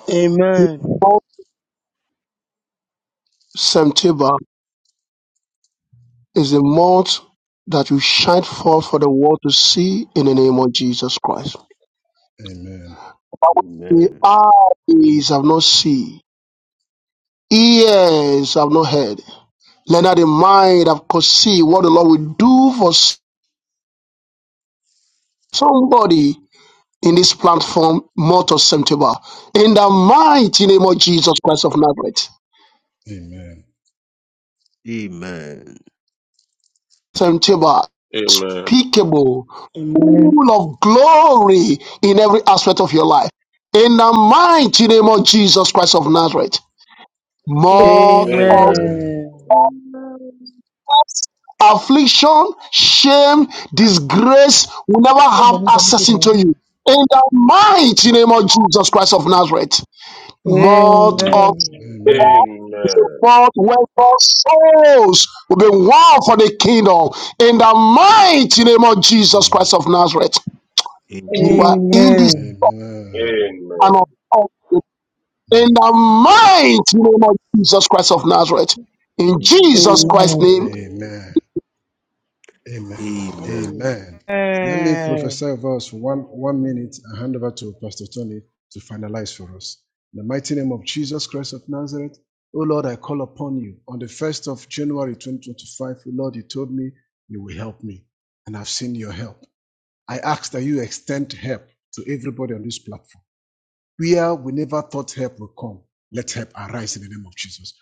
S17: Amen.
S14: September is the month that will shine forth for the world to see in the name of Jesus Christ.
S6: Amen.
S14: The eyes have not seen, ears have not heard, neither the mind have conceived what the Lord will do for somebody in this platform, month of September. In the mighty name of Jesus Christ of Nazareth.
S6: Amen.
S14: September,
S7: Amen.
S14: unspeakable,
S17: Amen.
S14: full of glory in every aspect of your life. In the mighty name of Jesus Christ of Nazareth, more
S7: Amen.
S14: of
S4: Amen.
S6: Amen.
S1: Amen.
S17: Amen.
S22: Amen.
S14: affliction, shame, disgrace will never have
S17: Somebody tell me
S14: access into
S17: something.
S14: you. In the mighty name of Jesus Christ of Nazareth,
S5: Amen.
S14: mouth of
S17: Amen.
S6: Amen.
S14: God
S6: Amen.
S7: Amen.
S14: is a mouth where God's souls will be won for the kingdom. In the mighty name of Jesus Christ
S6: Amen.
S14: of Nazareth,
S1: Amen.
S14: You are
S1: Amen.
S14: in this
S17: Amen.
S6: Amen.
S14: channel of God. in the mighty name of Jesus Christ of Nazareth. In
S1: Amen.
S14: Jesus
S5: Amen. Amen.
S14: Christ's
S17: Amen.
S14: name,
S1: Amen.
S6: Amen. Amen.
S5: Amen.
S1: Amen.
S6: Amen. Let me prophesy
S17: Amen.
S6: over us for one, one minute and hand over to Pastor Tony to finalize for us. In the mighty name of Jesus Christ of Nazareth, O Lord, I call upon you. On the 1st of January 2025, O Lord, you told me you will help me, and I've seen your help. I ask that you extend help to everybody on this platform. where we never thought help will come. Let help arise in the name of Jesus.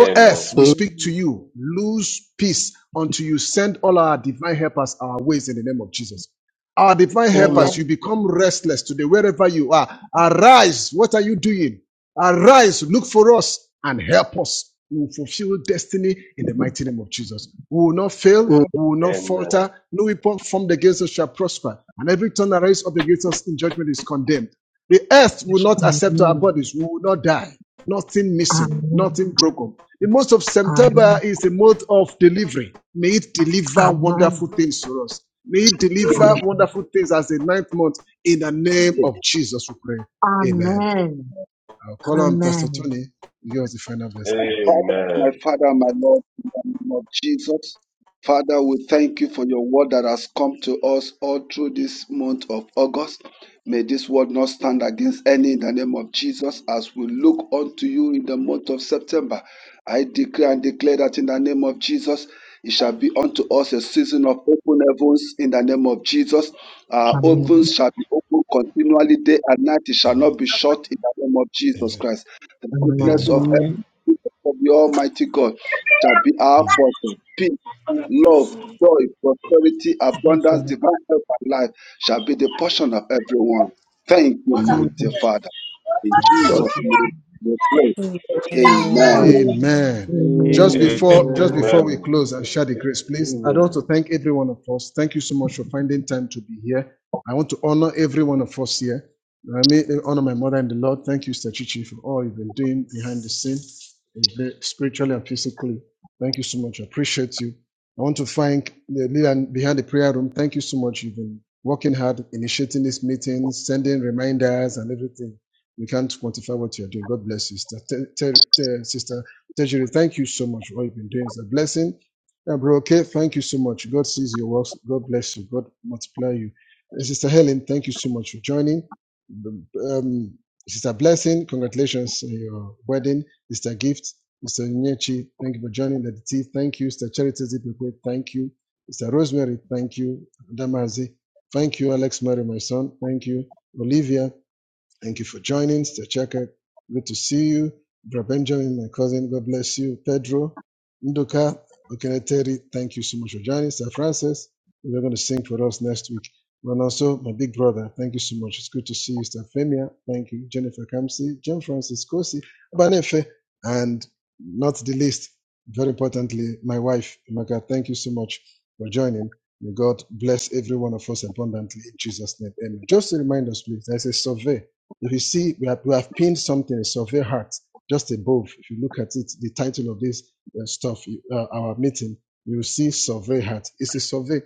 S7: Amen. Amen.
S6: earth, we speak to you. Lose peace unto you send all our divine helpers our ways in the name of Jesus. Our divine
S14: amen.
S6: helpers,
S7: Amen.
S6: you become restless today, wherever you are. Arise. What are you doing? Arise. Look for us and help us. We will fulfill destiny in the mighty name of Jesus. We will not fail.
S14: Amen.
S6: We will not
S7: Amen.
S6: falter. No weapon formed against us shall prosper. And every tongue that rises up against us in judgment is condemned. The earth will not accept our
S9: Amen.
S6: bodies. We will not die. Nothing missing,
S9: Amen.
S6: nothing broken. The month of September is a month of delivery. May it
S9: Amen.
S6: deliver wonderful
S9: Amen.
S6: things to us. May it
S5: Amen. Amen.
S6: deliver
S9: Hallelujah.
S6: wonderful things as the ninth month. In the name of Jesus, we pray. Amen.
S9: Amen.
S6: I'll call on Pastor Tony. Give us the final blessing,
S11: Father,
S6: please.
S7: Amen.
S11: my Father, my Lord, in the name of Jesus. Father, we thank you for your word that has come to us all through this month of August. May this word not stand against any in the name of Jesus as we look unto you in the month of September. I declare and declare that in the name of Jesus, it shall be unto us a season of open heavens in the name of Jesus. Our
S9: Amen.
S11: ovens shall be open continually day and night. It shall
S6: Amen.
S11: not be shut in the name of
S6: Amen.
S11: Jesus
S6: Amen.
S11: Christ. The goodness
S9: Amen.
S6: Amen.
S11: of heaven of the Almighty God shall be our
S6: Mm.
S11: portion. Peace,
S17: Amen.
S11: love, joy, prosperity,
S17: Yes,
S11: abundance,
S17: Lord.
S11: divine help, and life shall be the portion of everyone. Thank you,
S6: Amen.
S11: mighty
S17: Amen.
S11: Father. In
S6: Thank you, Lord.
S11: Jesus'
S17: Thank
S11: name we pray.
S17: you.
S11: Amen.
S5: Amen.
S9: Amen.
S6: Amen. Just
S9: Amen.
S6: before just
S9: Amen.
S7: Amen.
S6: before
S1: Amen.
S6: we close and share the grace, please, I want to
S1: Amen.
S6: thank every one of us. Thank you so much for finding time to be here. I want to honor every one of us here. I mean, honor my mother and the Lord. Thank you, Sister Chichi, for all you've been doing behind the scene, spiritually and physically. Thank you so much. I appreciate you. I want to thank the leader behind the prayer room. Thank you so much. You've been working hard, initiating these meetings, sending reminders and everything. We can't quantify what you're doing. God bless you, sister. Te- Te- Te- sister Tejiri, thank you so much for all you've been doing. It's a blessing. Uh, bro, okay, thank you so much. God sees your works. God bless you. God multiply you. Uh, sister Helen, thank you so much for joining. Um, um, sister Blessing, congratulations on your wedding. Sister Gift, Sister Nyechi, thank you for joining. Lady T, thank you. Sister Charity Zipikwe, thank you. Sister Rosemary, thank you. Damazi, thank you. Alex Mary, my son, thank you. Olivia, Thank you for joining, Sister Chaka. Good to see you. Brother Benjamin, my cousin, God bless you. Pedro, Ndoka, Okeneteri, thank you so much for joining. Sir Francis, you're going to sing for us next week. And also, my big brother, thank you so much. It's good to see you, Sister Femia. Thank you. Jennifer Kamsi, John Francis Kosi, Abanefe, and not the least, very importantly, my wife, Emeka. Thank you so much for joining. May God bless every one of us abundantly in Jesus' name. Amen. Just to remind us, please, there's a survey if you see, we have, we have pinned something, a Survey Heart, just above. If you look at it, the title of this uh, stuff, uh, our meeting, you will see Survey Heart. It's a survey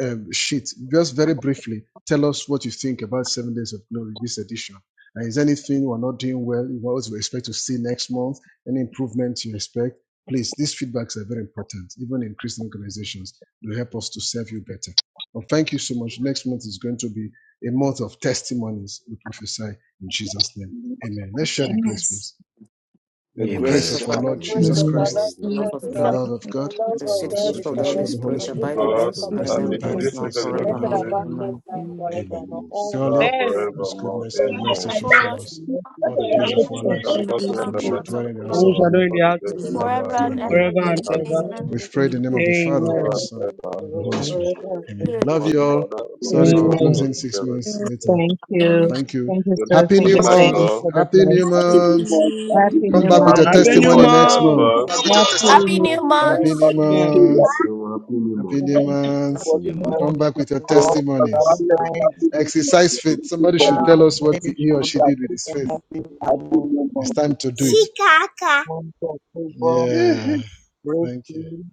S6: um, sheet. Just very briefly, tell us what you think about Seven Days of Glory, this edition. And is anything we're not doing well? What do you expect to see next month? Any improvements you expect? Please, these feedbacks are very important, even in Christian organizations. They help us to serve you better. Well, thank you so much. Next month is going to be a month of testimonies, we prophesy. In Jesus' name. Amen. Let's share the grace,
S9: Yes.
S6: please. May
S11: The
S6: the grace
S1: Amen.
S11: grace
S6: of
S11: of
S6: our
S11: our
S23: and the
S6: Lord
S1: May the
S23: grace
S1: grace
S6: Jesus
S23: of
S1: of our
S23: our
S6: Christ,
S9: Amen.
S1: Lord
S23: Lord
S1: Jesus
S23: Jesus
S12: Praise
S6: the
S1: Christ,
S12: God.
S6: love
S23: Christ,
S6: of
S23: the
S6: God,
S23: love
S12: The
S1: love
S23: of
S6: the
S1: of
S23: God
S6: sweet
S23: the
S1: God,
S6: fellowship
S23: Father,
S12: Holy
S6: of the Holy
S1: and
S23: and
S1: the
S12: Spirit
S23: the
S6: Spirit,
S1: free
S7: God,
S23: fellowship
S1: fellowship of
S23: of
S1: the
S23: the
S6: rest
S1: Holy
S6: and
S23: Holy
S7: and it
S6: abide
S1: Spirit,
S23: Spirit,
S7: is
S6: with
S7: because of
S6: us
S7: the Holy
S23: rest
S6: now
S23: and
S6: and
S7: Spirit,
S23: abide with us
S6: forevermore.
S23: now
S1: now
S23: forever.
S6: Amen.
S23: and
S7: and
S1: forevermore.
S7: now and
S6: Surely,
S1: Amen.
S23: Amen.
S6: God's
S7: forevermore.
S6: goodness and mercy
S12: shall
S7: Amen.
S6: shall
S12: follow
S6: follow
S12: us
S6: us
S5: Amen.
S6: all the days
S5: Amen.
S6: of our
S7: And
S12: We
S6: lives.
S7: we
S12: shall
S7: God
S3: Praise
S7: bless
S6: and
S3: the
S6: We
S12: come
S7: and
S6: shall
S7: mercy,
S12: out
S6: dwell
S12: of
S7: of
S6: in
S12: the
S7: the
S6: the
S17: I
S6: house
S12: world
S6: of
S17: wish
S6: the
S17: I
S7: Lord,
S17: do
S6: Lord
S17: in
S7: all
S17: the
S7: the
S17: house of
S7: days
S17: the
S7: of
S17: Lord
S7: our
S12: forever
S7: life,
S6: forever
S12: and
S6: and
S7: and we
S12: ever.
S6: ever.
S7: shall
S17: forever
S7: go
S17: and
S7: to
S17: ever.
S7: heaven.
S12: Amen.
S6: We've
S3: Lord.
S6: prayed in the name of the Father,
S7: However,
S6: the
S17: Amen.
S6: Son,
S7: there are
S6: and of the Holy Spirit.
S23: Forever and
S7: amen.
S6: Amen.
S23: ever.
S6: Love
S7: Lord
S6: you
S12: Amen.
S6: all.
S7: Father, Lord the
S6: Sorry
S7: Son,
S6: for
S7: and the
S17: Amen.
S9: Amen.
S6: closing six minutes later.
S9: Thank
S1: Thank
S9: you.
S6: Thank
S1: you
S6: you.
S9: Thank you,
S7: Good,
S9: sir.
S1: so much. Thank you
S6: Happy
S1: so
S9: Thank
S6: New
S9: you,
S7: good
S11: Lord
S1: much.
S7: night,
S11: Jesus Christ,
S9: Saint,
S6: Month.
S7: all.
S9: for the
S6: Happy New
S9: blessed.
S11: happy new
S6: Month.
S11: month, happy
S9: Happy
S11: new
S6: Come
S9: New
S1: Amen.
S6: back
S11: month,
S6: with
S11: happy
S6: your
S9: Month.
S7: Happy
S17: Happy
S7: New
S11: new
S17: New
S6: testimony
S11: month,
S7: Month in
S6: next
S11: happy
S1: Thank
S17: Month.
S11: new
S1: you
S6: month.
S7: advance.
S11: month.
S1: so much.
S12: Happy
S9: Happy
S6: Oh,
S12: new
S11: All
S6: happy
S12: month.
S11: of
S6: new
S11: us
S17: Amen.
S1: Thank
S11: continue
S1: you
S6: month.
S11: to
S1: so much. Happy
S11: be
S1: New
S6: Happy
S1: Month.
S6: new
S11: of
S6: month.
S1: Happy
S11: course,
S1: New
S11: we
S1: Month.
S10: Good
S11: are
S6: Come
S10: morning,
S6: back with your
S11: so-
S10: all.
S11: as
S10: Good
S6: testimonies.
S11: long as
S10: night.
S11: happy new month,
S6: Exercise faith. Somebody should
S11: everybody,
S6: tell
S10: Um,
S6: us what
S10: may the
S6: he or
S11: is
S10: month
S6: she
S10: of
S6: did with
S11: happy,
S6: his faith.
S10: September be a
S11: happy
S10: month
S11: new
S6: It's
S11: month.
S6: time to do it.
S24: See Kaka.
S10: month of favor,
S11: yeah,
S6: Yeah. Thank you.
S10: breakthrough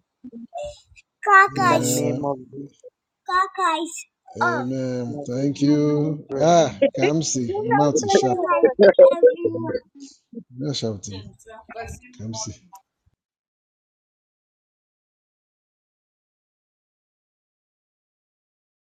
S10: in
S24: Kaka
S10: the
S24: is
S6: Yeah.
S10: name of
S24: Kaka is off.
S6: Amen.
S10: Jesus.
S6: Thank you.
S10: Amen.
S6: Ah,
S24: Good
S6: Kamsi.
S23: You
S6: I'm out is sharp.
S24: night,
S23: know,
S24: everyone.
S6: Mhm. No shouting. Kamsi.